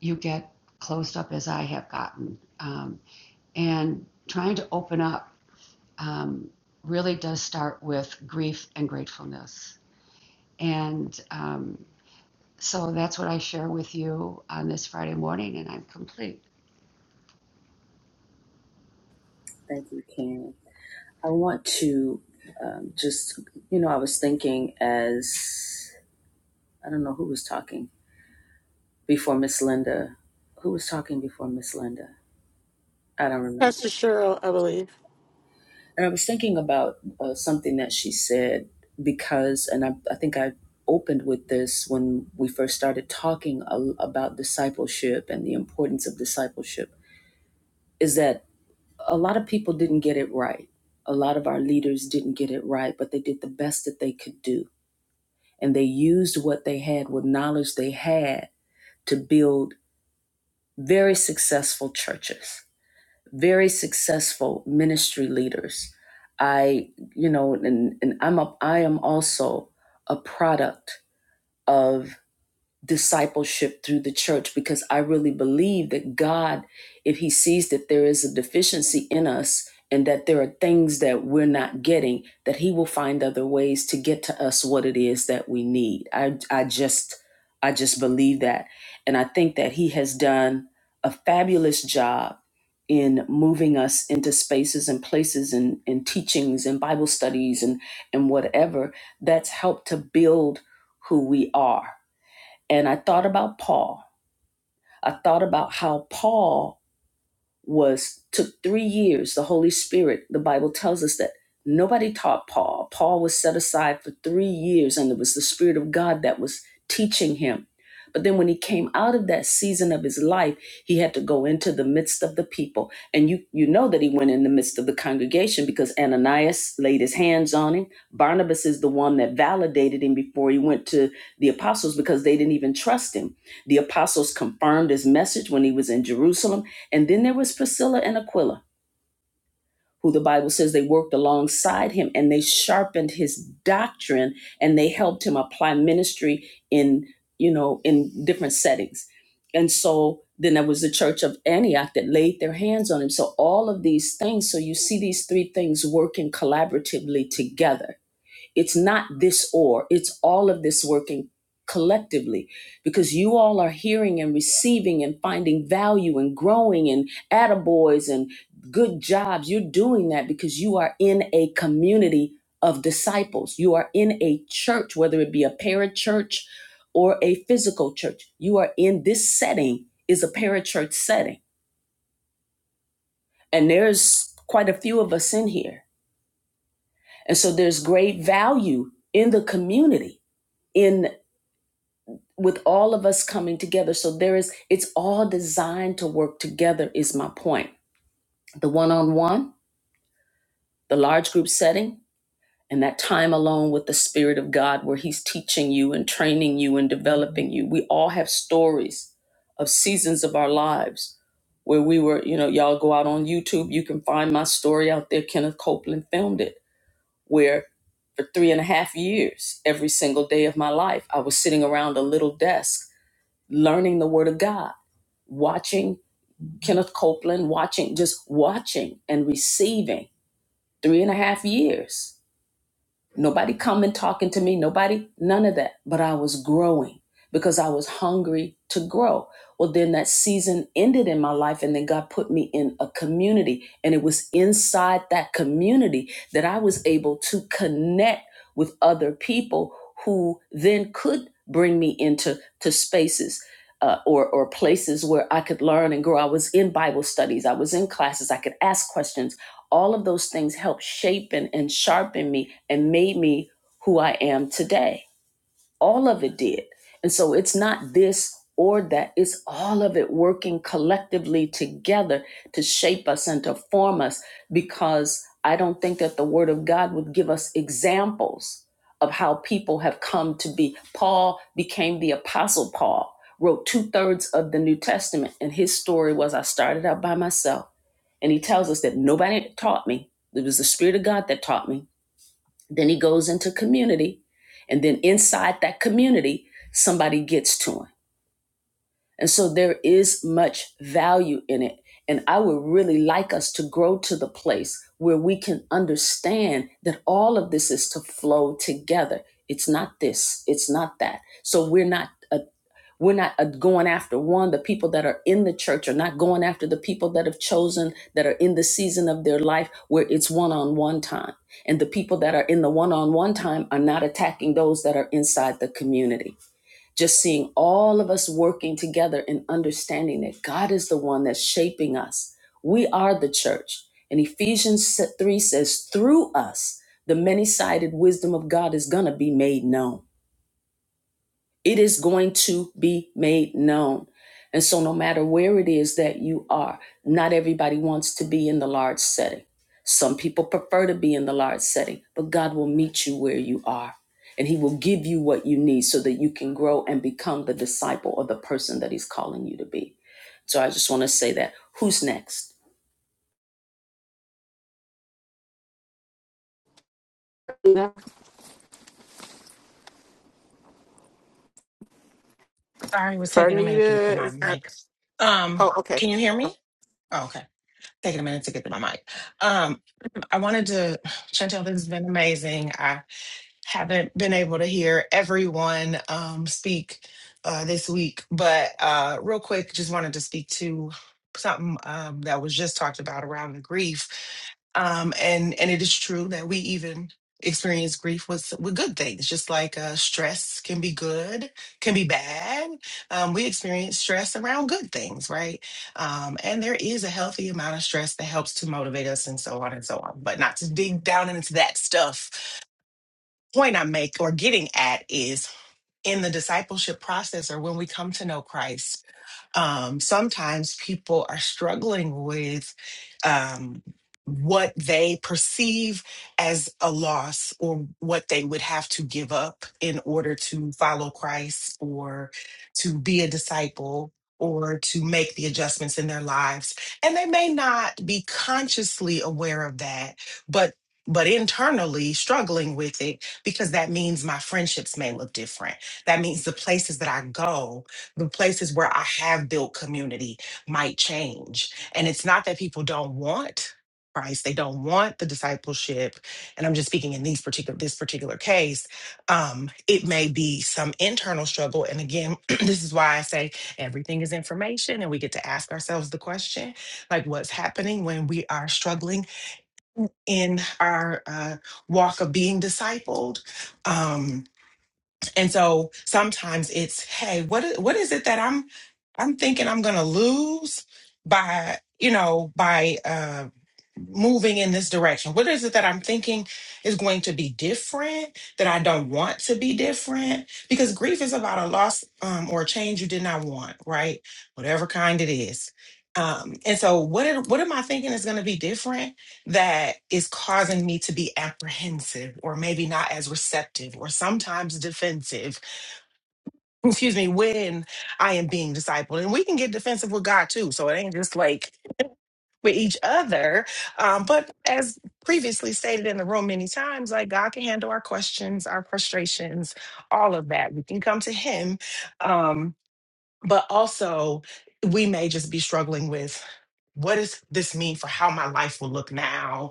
you get closed up as I have gotten. Um, and trying to open up um, really does start with grief and gratefulness. And um, So that's what I share with you on this Friday morning, and I'm complete. thank you, Karen. I want to um, just, you know, I was thinking as I don't know who was talking before Miss Linda. Who was talking before Miss Linda? I don't remember. Pastor Cheryl, I believe. And I was thinking about uh, something that she said because, and I, I think I opened with this when we first started talking a- about discipleship and the importance of discipleship, is that a lot of people didn't get it right. A lot of our leaders didn't get it right, but they did the best that they could do. And they used what they had, what knowledge they had, to build very successful churches very successful ministry leaders. I, you know, and, and I'm a, I am also a product of discipleship through the church because I really believe that God, if He sees that there is a deficiency in us and that there are things that we're not getting, that He will find other ways to get to us what it is that we need. I, I just, I just believe that, and I think that He has done a fabulous job in moving us into spaces and places and, and teachings and Bible studies and and whatever that's helped to build who we are and I thought about Paul. I thought about how Paul was took three years the holy spirit the bible tells us that nobody taught paul paul was set aside for three years and it was the spirit of god that was teaching him but then when he came out of that season of his life he had to go into the midst of the people and you you know that he went in the midst of the congregation because ananias laid his hands on him barnabas is the one that validated him before he went to the apostles because they didn't even trust him the apostles confirmed his message when he was in jerusalem and then there was Priscilla and Aquila, who the Bible says they worked alongside him and they sharpened his doctrine and they helped him apply ministry in, you know, in different settings. And so then there was the church of Antioch that laid their hands on him. So all of these things, so you see these three things working collaboratively together it's not this or, it's all of this working collectively because you all are hearing and receiving and finding value and growing and attaboys and good jobs. You're doing that because you are in a community of disciples. You are in a church, whether it be a parachurch or a physical church. You are in this setting is a parachurch setting. And there's quite a few of us in here. And so there's great value in the community in. with all of us coming together. So there is, it's all designed to work together, is my point. The one on one, the large group setting, and that time alone with the Spirit of God where He's teaching you and training you and developing you. We all have stories of seasons of our lives where we were, you know, y'all go out on YouTube, you can find my story out there. Kenneth Copeland filmed it, where for three and a half years, every single day of my life, I was sitting around a little desk learning the Word of God watching Kenneth Copeland, watching, just watching and receiving three and a half years. Nobody coming talking to me, nobody, none of that. But I was growing because I was hungry to grow. Well, then that season ended in my life, and then God put me in a community. And it was inside that community that I was able to connect with other people who then could bring me into to spaces. Uh, or, or places where I could learn and grow. I was in Bible studies. I was in classes. I could ask questions all of those things helped shape and, and sharpen me and made me who I am today. All of it did. And so it's not this or that, it's all of it working collectively together to shape us and to form us because I don't think that the Word of God would give us examples of how people have come to be. Paul became the Apostle Paul, wrote two thirds of the New Testament, and his story was I started out by myself. And he tells us that nobody taught me. It was the Spirit of God that taught me. Then he goes into community. And then inside that community, somebody gets to him. And so there is much value in it. And I would really like us to grow to the place where we can understand that all of this is to flow together. It's not this, it's not that. So we're not a. We're not uh, going after one. The people that are in the church are not going after the people that have chosen, that are in the season of their life where it's one on one time. And the people that are in the one on one time are not attacking those that are inside the community. Just seeing all of us working together and understanding that God is the one that's shaping us. We are the church. And Ephesians 3 says, through us, the many sided wisdom of God is going to be made known. It is going to be made known. And so, no matter where it is that you are, not everybody wants to be in the large setting. Some people prefer to be in the large setting, but God will meet you where you are and He will give you what you need so that you can grow and become the disciple or the person that He's calling you to be. So, I just want to say that. Who's next? No, Sorry, it was For taking a minute to get to Anita my is mic. Um, oh okay. can you hear me? Oh, okay. Taking a minute to get to my mic. Um, I wanted to, [SIGHS] Chantel, this has been amazing haven't been able to hear everyone um, speak uh, this week, but uh, real quick, just wanted to speak to something um, that was just talked about around the grief. Um, and and it is true that we even experience grief with with good things, just like uh, stress can be good, can be bad. Um, we experience stress around good things, right? Um, and there is a healthy amount of stress that helps to motivate us, and so on and so on. But not to dig down into that stuff point i make or getting at is in the discipleship process or when we come to know Christ um, sometimes people are struggling with um, what they perceive as a loss or what they would have to give up in order to follow Christ or to be a disciple or to make the adjustments in their lives. And they may not be consciously aware of that, but but internally struggling with it because that means my friendships may look different. That means the places that I go the places where I have built community might change. And it's not that people don't want Christ, they don't want the discipleship. And I'm just speaking in these particular this particular case. Um, it may be some internal struggle. And again, [CLEARS THROAT] this is why I say everything is information and we get to ask ourselves the question, like what's happening when we are struggling in our uh, walk of being discipled. Um, and so sometimes it's, hey, what i- what is it that I'm I'm thinking I'm going to lose by, you know, by uh moving in this direction? What is it that I'm thinking is going to be different that I don't want to be different? Because grief is about a loss um, or a change you did not want, right? Whatever kind it is. Um, and so, what am- what am I thinking is going to be different? that is causing me to be apprehensive or maybe not as receptive or sometimes defensive, [LAUGHS] excuse me, when I am being discipled. And we can get defensive with God too. So it ain't just like with each other. Um, but as previously stated in the room many times, like God can handle our questions, our frustrations, all of that. We can come to Him. Um, but also, we may just be struggling with what does this mean for how my life will look now?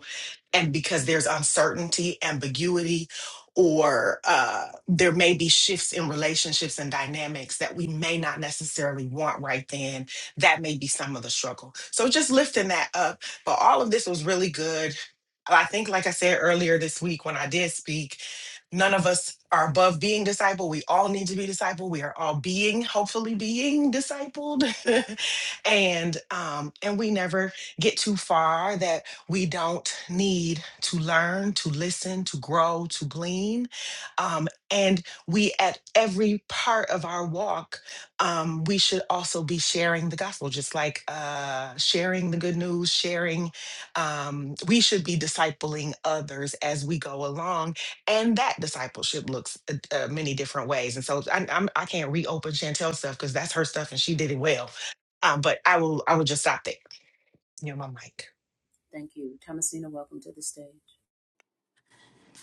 and because there's uncertainty, ambiguity, or uh, there may be shifts in relationships and dynamics that we may not necessarily want right then. That may be some of the struggle. So just lifting that up. But all of this was really good. I think, like I said earlier this week when I did speak, none of us are above being discipled. We all need to be discipled. We are all being, hopefully, being discipled, [LAUGHS] and um, and we never get too far. That we don't need to learn, to listen, to grow, to glean. Um, and we, at every part of our walk, um, we should also be sharing the gospel, just like uh, sharing the good news, sharing. Um, we should be discipling others as we go along. And that discipleship looks uh, uh, many different ways. And so I, I'm, I can't reopen Chantel's stuff because that's her stuff and she did it well. Um, but I will, I will just stop there. You know, my mic. Thank you, Thomasina. Welcome to the stage.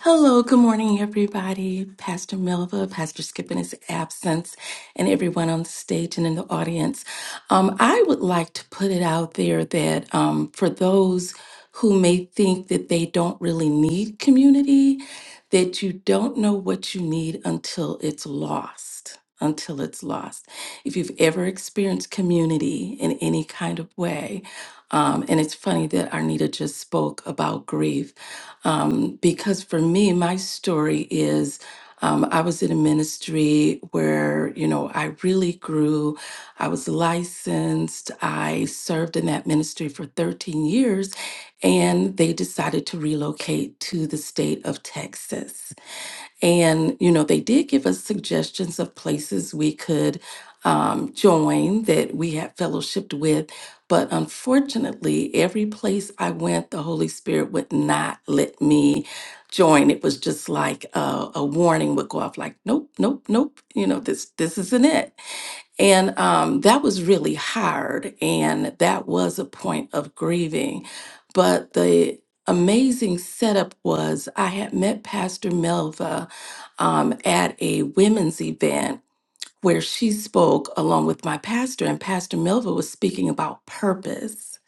Hello, good morning, everybody. Pastor Melva, Pastor Skip in his absence, and everyone on the stage and in the audience. Um, I would like to put it out there that um, for those who may think that they don't really need community, that you don't know what you need until it's lost. Until it's lost. If you've ever experienced community in any kind of way, um, and it's funny that Arnita just spoke about grief um, because for me, my story is um, I was in a ministry where, you know, I really grew. I was licensed. I served in that ministry for 13 years, and they decided to relocate to the state of Texas. And, you know, they did give us suggestions of places we could um, join that we had fellowshipped with. But unfortunately, every place I went, the Holy Spirit would not let me join. It was just like a, a warning would go off, like, nope, nope, nope, you know, this, this isn't it. And um, that was really hard. And that was a point of grieving. But the amazing setup was I had met Pastor Melva um, at a women's event where she spoke along with my pastor, and Pastor Melville was speaking about purpose.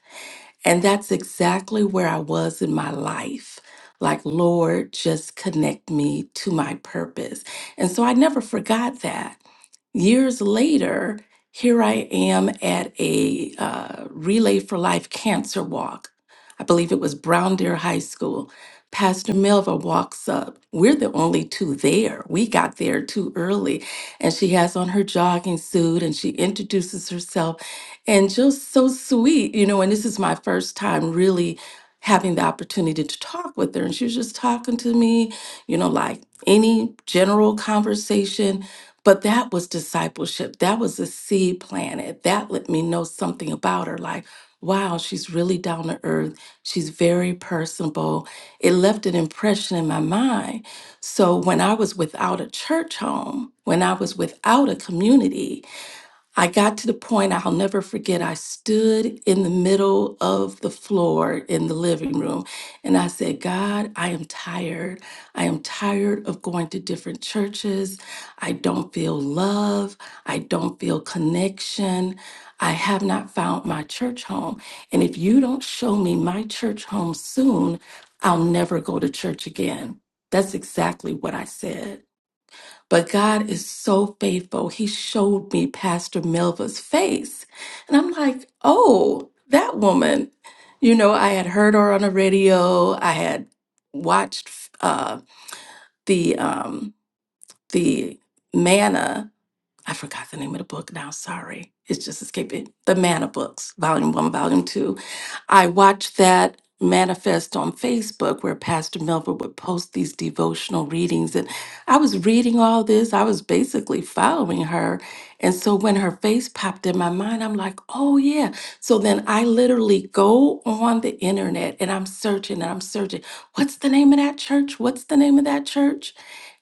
And that's exactly where I was in my life. Like, Lord, just connect me to my purpose. And so I never forgot that years later, here I am at a uh, Relay for Life cancer walk. I believe it was Brown Deer High School. Pastor Melva walks up. We're the only two there. We got there too early. And she has on her jogging suit and she introduces herself and just so sweet, you know. And this is my first time really having the opportunity to talk with her. And she was just talking to me, you know, like any general conversation but that was discipleship. That was a seed planted. That let me know something about her. Like, wow, she's really down to earth. She's very personable. It left an impression in my mind. So when I was without a church home, when I was without a community, I got to the point I'll never forget. I stood in the middle of the floor in the living room and I said, God, I am tired. I am tired of going to different churches. I don't feel love. I don't feel connection. I have not found my church home. And if you don't show me my church home soon, I'll never go to church again. That's exactly what I said. But God is so faithful. He showed me Pastor Melva's face. And I'm like, oh, that woman. You know, I had heard her on the radio. I had watched uh, the um, the Manna. I forgot the name of the book now. Sorry, it's just escaping. The Manna books, Volume One, Volume Two I watched that manifest on Facebook where Pastor Melvin would post these devotional readings. And I was reading all this, I was basically following her. And so when her face popped in my mind, I'm like, oh, yeah. So then I literally go on the internet and I'm searching and I'm searching. What's the name of that church? What's the name of that church?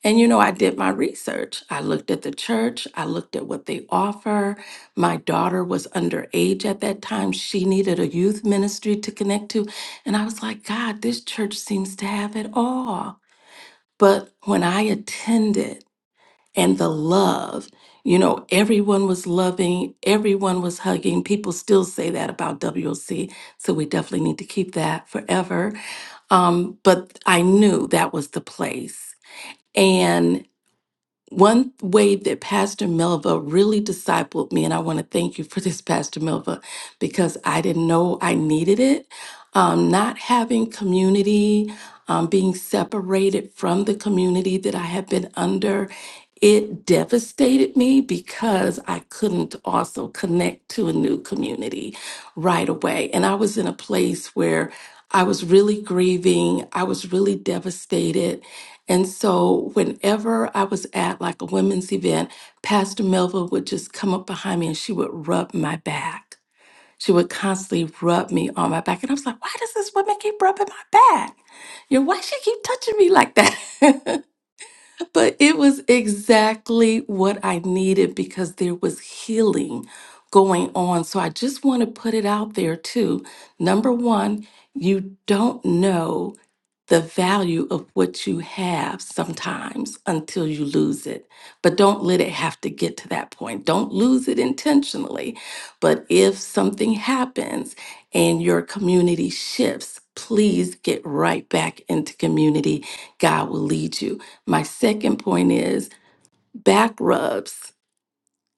And you know, I did my research. I looked at the church, I looked at what they offer, my daughter was underage at that time. She needed a youth ministry to connect to. And I was like, God, this church seems to have it all. But when I attended and the love, you know, everyone was loving, everyone was hugging. People still say that about WLC. So we definitely need to keep that forever. Um, but I knew that was the place. and. One way that Pastor Melva really discipled me, and I want to thank you for this, Pastor Melva, because I didn't know I needed it. Um, not having community, um, being separated from the community that I have been under, it devastated me because I couldn't also connect to a new community right away. And I was in a place where I was really grieving, I was really devastated. And so whenever I was at like a women's event, Pastor Melva would just come up behind me and she would rub my back. She would constantly rub me on my back. And I was like, why does this woman keep rubbing my back? You know, why she keep touching me like that? [LAUGHS] but it was exactly what I needed because there was healing going on. So I just want to put it out there too. Number one, you don't know the value of what you have sometimes until you lose it. But don't let it have to get to that point. Don't lose it intentionally. But if something happens and your community shifts, please get right back into community. God will lead you. My second point is back rubs,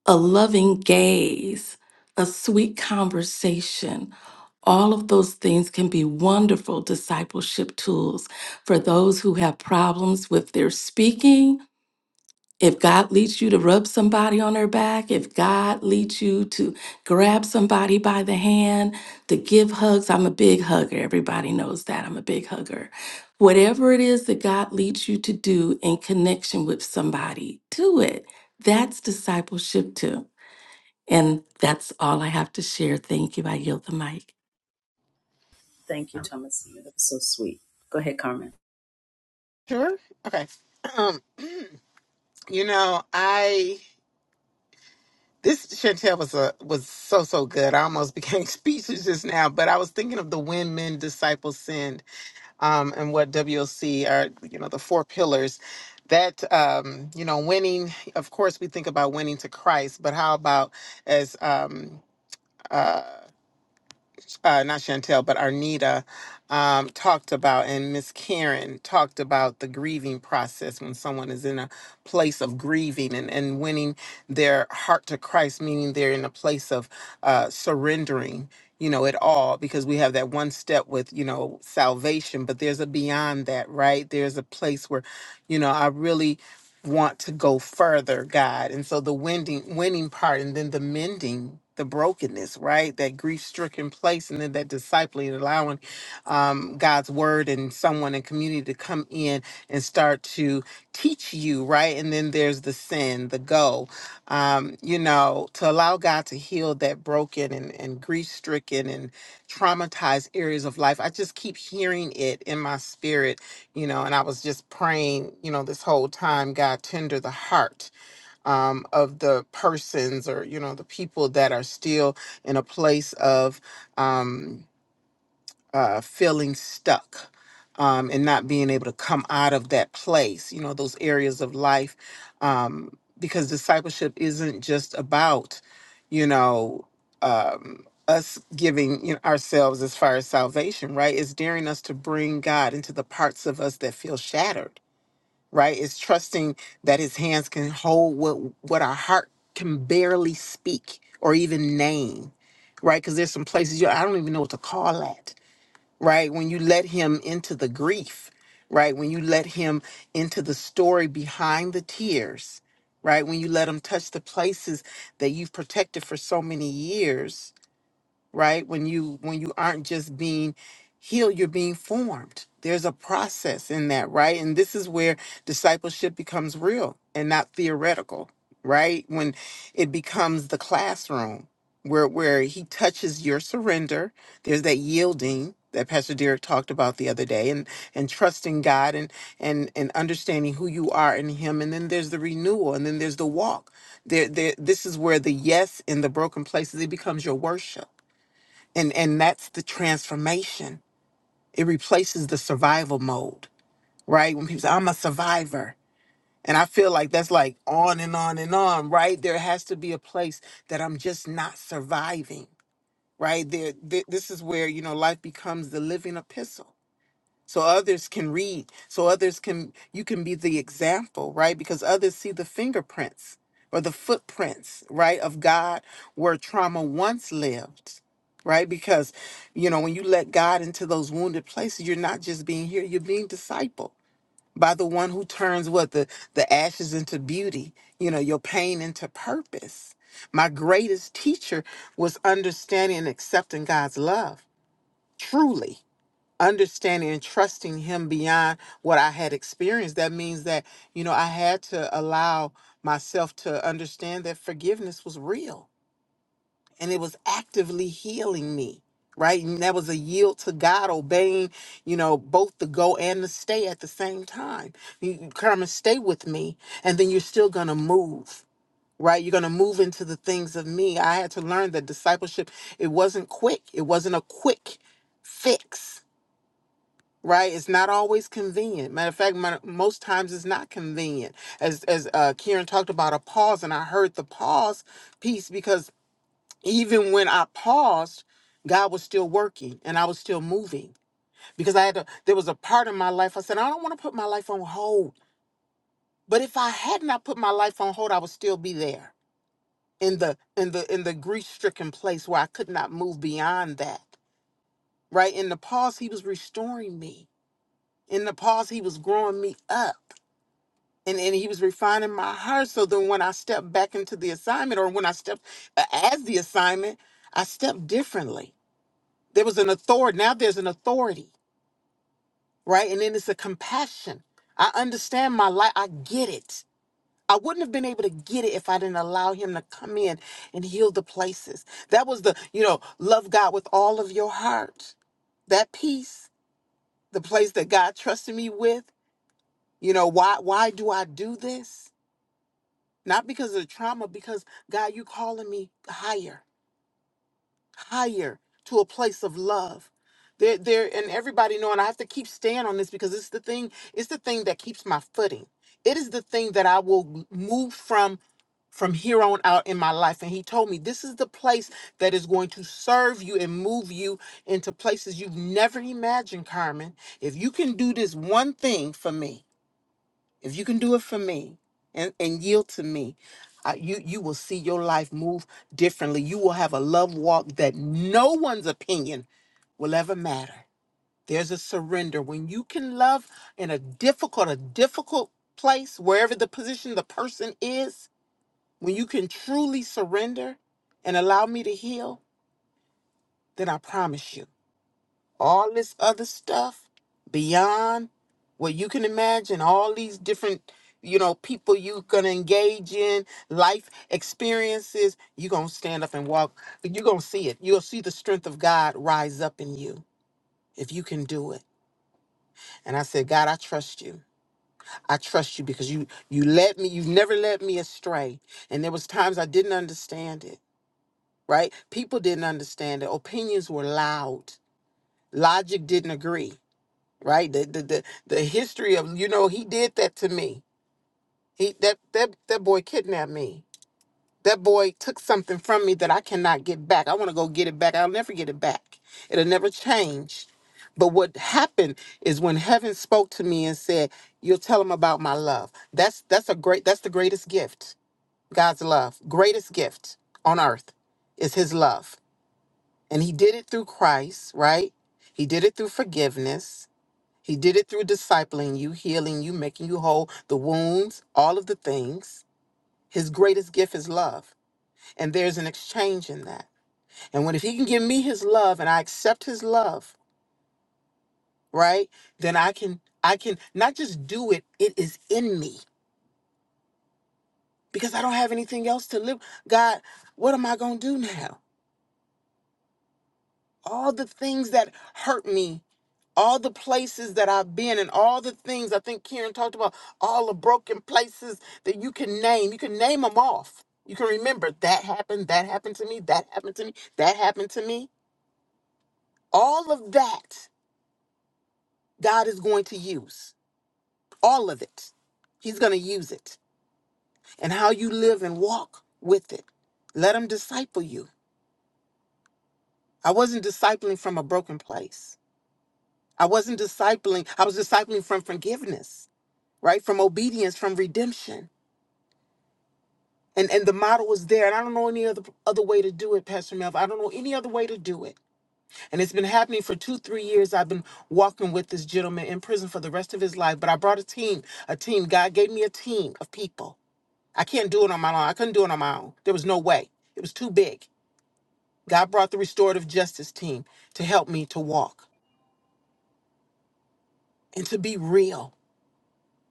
a loving gaze, a sweet conversation all of those things can be wonderful discipleship tools for those who have problems with their speaking. If God leads you to rub somebody on their back, if God leads you to grab somebody by the hand, to give hugs, I'm a big hugger. Everybody knows that. I'm a big hugger. Whatever it is that God leads you to do in connection with somebody, do it. That's discipleship too. And that's all I have to share. Thank you. I yield the mic. Thank you, Thomasina. That was so sweet. Go ahead, Carmen. Sure? Okay. Um, you know, I this Chantel was a was so so good. I almost became [LAUGHS] speechless just now, but I was thinking of the when men disciples send, um, and what WLC are, you know, the four pillars. That um, you know, winning, of course we think about winning to Christ, but how about as um uh, uh, not Chantel, but Arnita um, talked about, and Miss Karen talked about the grieving process when someone is in a place of grieving and, and winning their heart to Christ, meaning they're in a place of uh, surrendering, you know, it all, because we have that one step with, you know, salvation, but there's a beyond that, right? There's a place where, you know, I really want to go further, God. And so the winding, winning part and then the mending, the brokenness, right? That grief stricken place and then that discipling, allowing um, God's word and someone in community to come in and start to teach you, right? And then there's the sin, the go, um, you know, to allow God to heal that broken and, and grief stricken and traumatized areas of life. I just keep hearing it in my spirit you know, and I was just praying, you know, this whole time, God, tender the heart um, of the persons or, you know, the people that are still in a place of, um, uh, feeling stuck um, and not being able to come out of that place, you know, those areas of life. Um, because discipleship isn't just about, you know, um, us giving you know, ourselves as far as salvation, right? It's daring us to bring God into the parts of us that feel shattered, right? It's trusting that His hands can hold what what our heart can barely speak or even name, right? Because there's some places you I don't even know what to call at right? When you let him into the grief, right? When you let him into the story behind the tears, right? When you let him touch the places that you've protected for so many years, right when you when you aren't just being healed you're being formed there's a process in that right and this is where discipleship becomes real and not theoretical right when it becomes the classroom where where he touches your surrender there's that yielding that pastor derek talked about the other day and and trusting god and and and understanding who you are in him and then there's the renewal and then there's the walk there, there this is where the yes in the broken places it becomes your worship and and that's the transformation it replaces the survival mode right when people say i'm a survivor and i feel like that's like on and on and on right there has to be a place that i'm just not surviving right there th- this is where you know life becomes the living epistle so others can read so others can you can be the example right because others see the fingerprints or the footprints right of god where trauma once lived right because you know when you let god into those wounded places you're not just being here you're being discipled by the one who turns what the the ashes into beauty you know your pain into purpose my greatest teacher was understanding and accepting god's love truly understanding and trusting him beyond what I had experienced. That means that, you know, I had to allow myself to understand that forgiveness was real and it was actively healing me. Right. And that was a yield to God, obeying, you know, both the go and the stay at the same time. You you come and stay with me, and then you're still going to move. Right. You're going to move into the things of me. I had to learn that discipleship, it wasn't quick. It wasn't a quick fix right it's not always convenient matter of fact mon- most times it's not convenient as as uh kieran talked about a pause and i heard the pause piece because even when i paused god was still working and i was still moving because i had to there was a part of my life i said i don't want to put my life on hold but if i had not put my life on hold i would still be there in the in the in the grief stricken place where i could not move beyond that right in the pause he was restoring me in the pause he was growing me up and, and he was refining my heart so then when i stepped back into the assignment or when i stepped uh, as the assignment i stepped differently there was an authority now there's an authority right and then it's a compassion i understand my life i get it i wouldn't have been able to get it if i didn't allow him to come in and heal the places that was the you know love god with all of your heart that peace the place that god trusted me with you know why why do i do this Not because of the trauma, because God, you calling me higher, higher to a place of love. There, there, and everybody knowing, I have to keep staying on this because it's the thing, it's the thing that keeps my footing. It is the thing that I will move from from here on out in my life. And he told me this is the place that is going to serve you and move you into places you've never imagined, Carmen. If you can do this one thing for me, if you can do it for me and, and yield to me, uh, you you will see your life move differently. You will have a love walk that no one's opinion will ever matter. There's a surrender when you can love in a difficult, a difficult place, wherever the position, the person is. When you can truly surrender and allow me to heal, then I promise you all this other stuff beyond what you can imagine all these different you know people you are gonna engage in life experiences you gonna stand up and walk you gonna see it you'll see the strength of god rise up in you if you can do it and i said god i trust you i trust you because you you led me you've never led me astray and there was times i didn't understand it right people didn't understand it opinions were loud logic didn't agree right? The, the the the history of you know he did that to me. He that that that boy kidnapped me. That boy took something from me that I cannot get back. I want to go get it back. I'll never get it back. It'll never change. But what happened is when heaven spoke to me and said, "You'll tell him about my love." That's that's a great that's the greatest gift. God's love, greatest gift on earth is his love. And he did it through Christ, right? He did it through forgiveness. He did it through discipling you, healing you, making you whole, the wounds, all of the things. His greatest gift is love. And there's an exchange in that. And when if he can give me his love and I accept his love, right? Then I can I can not just do it, it is in me because I don't have anything else to live. God, what am I going to do now? all the things that hurt me, all the places that I've been, and all the things I think Karen talked about, all the broken places that you can name. You can name them off. You can remember that happened, that happened to me, that happened to me, that happened to me. All of that, God is going to use. All of it. He's going to use it. And how you live and walk with it. Let Him disciple you. I wasn't discipling from a broken place. I wasn't discipling, I was discipling from forgiveness. right? From obedience, from redemption. And and the model was there. And I don't know any other other way to do it, Pastor Melv. I don't know any other way to do it. And it's been happening for two, three years. I've been walking with this gentleman in prison for the rest of his life. But I brought a team, a team. God gave me a team of people. I can't do it on my own. I couldn't do it on my own. There was no way. It was too big. God brought the restorative justice team to help me to walk and to be real.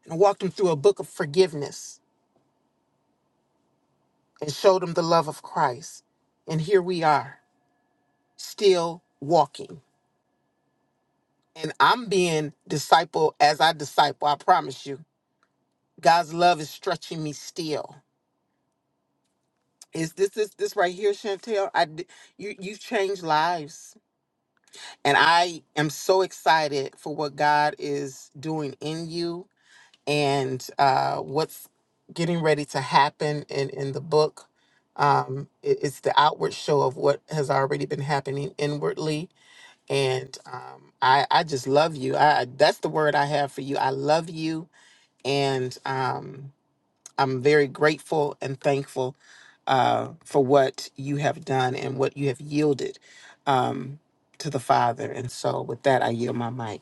And I walked him through a book of forgiveness and showed him the love of Christ. And here we are still walking. And I'm being disciple as I disciple. I promise you, God's love is stretching me still. Is this this this right here, Chantel? I d- you you changed lives, and I am so excited for what God is doing in you and uh, what's getting ready to happen in in the book. Um, it- it's the outward show of what has already been happening inwardly and um, I I just love you. I I- that's the word I have for you. I love you, and um, I'm very grateful and thankful uh, for what you have done and what you have yielded um, to the Father. And so, with that, I yield my mic.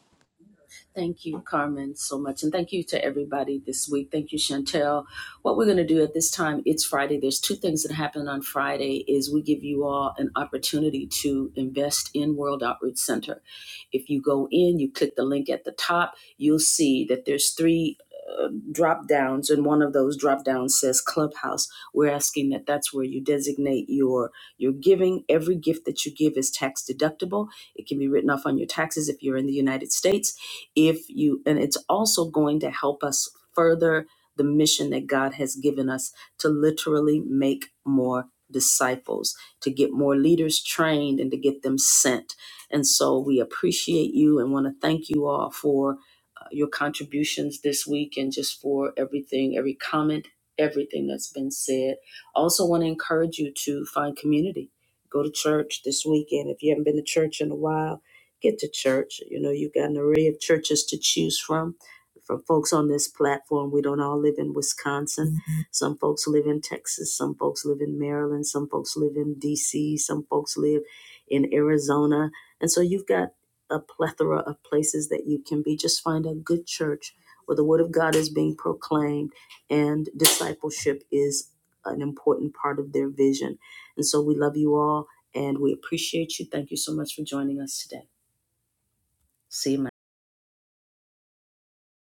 Thank you, Carmen, so much. And thank you to everybody this week. Thank you, Chantel. What we're going to do at this time, it's Friday. There's two things that happen on Friday is we give you all an opportunity to invest in World Outreach Center. If you go in, you click the link at the top, you'll see that there's three uh, drop downs and one of those drop downs says clubhouse we're asking that that's where you designate your your giving every gift that you give is tax deductible it can be written off on your taxes if you're in the united states if you, and it's also going to help us further the mission that God has given us to literally make more disciples, to get more leaders trained and to get them sent. And so we appreciate you and want to thank you all for uh, your contributions this week and just for everything, every comment, everything that's been said. Also, want to encourage you to find community. Go to church this weekend if you haven't been to church in a while get to church. You know, you got an array of churches to choose from. For folks on this platform, we don't all live in Wisconsin. Mhm. Some folks live in Texas. Some folks live in Maryland. Some folks live in DC. Some folks live in Arizona. And so you've got a plethora of places that you can be. Just find a good church where the word of God is being proclaimed and discipleship is an important part of their vision. And so we love you all and we appreciate you. Thank you so much for joining us today. See my.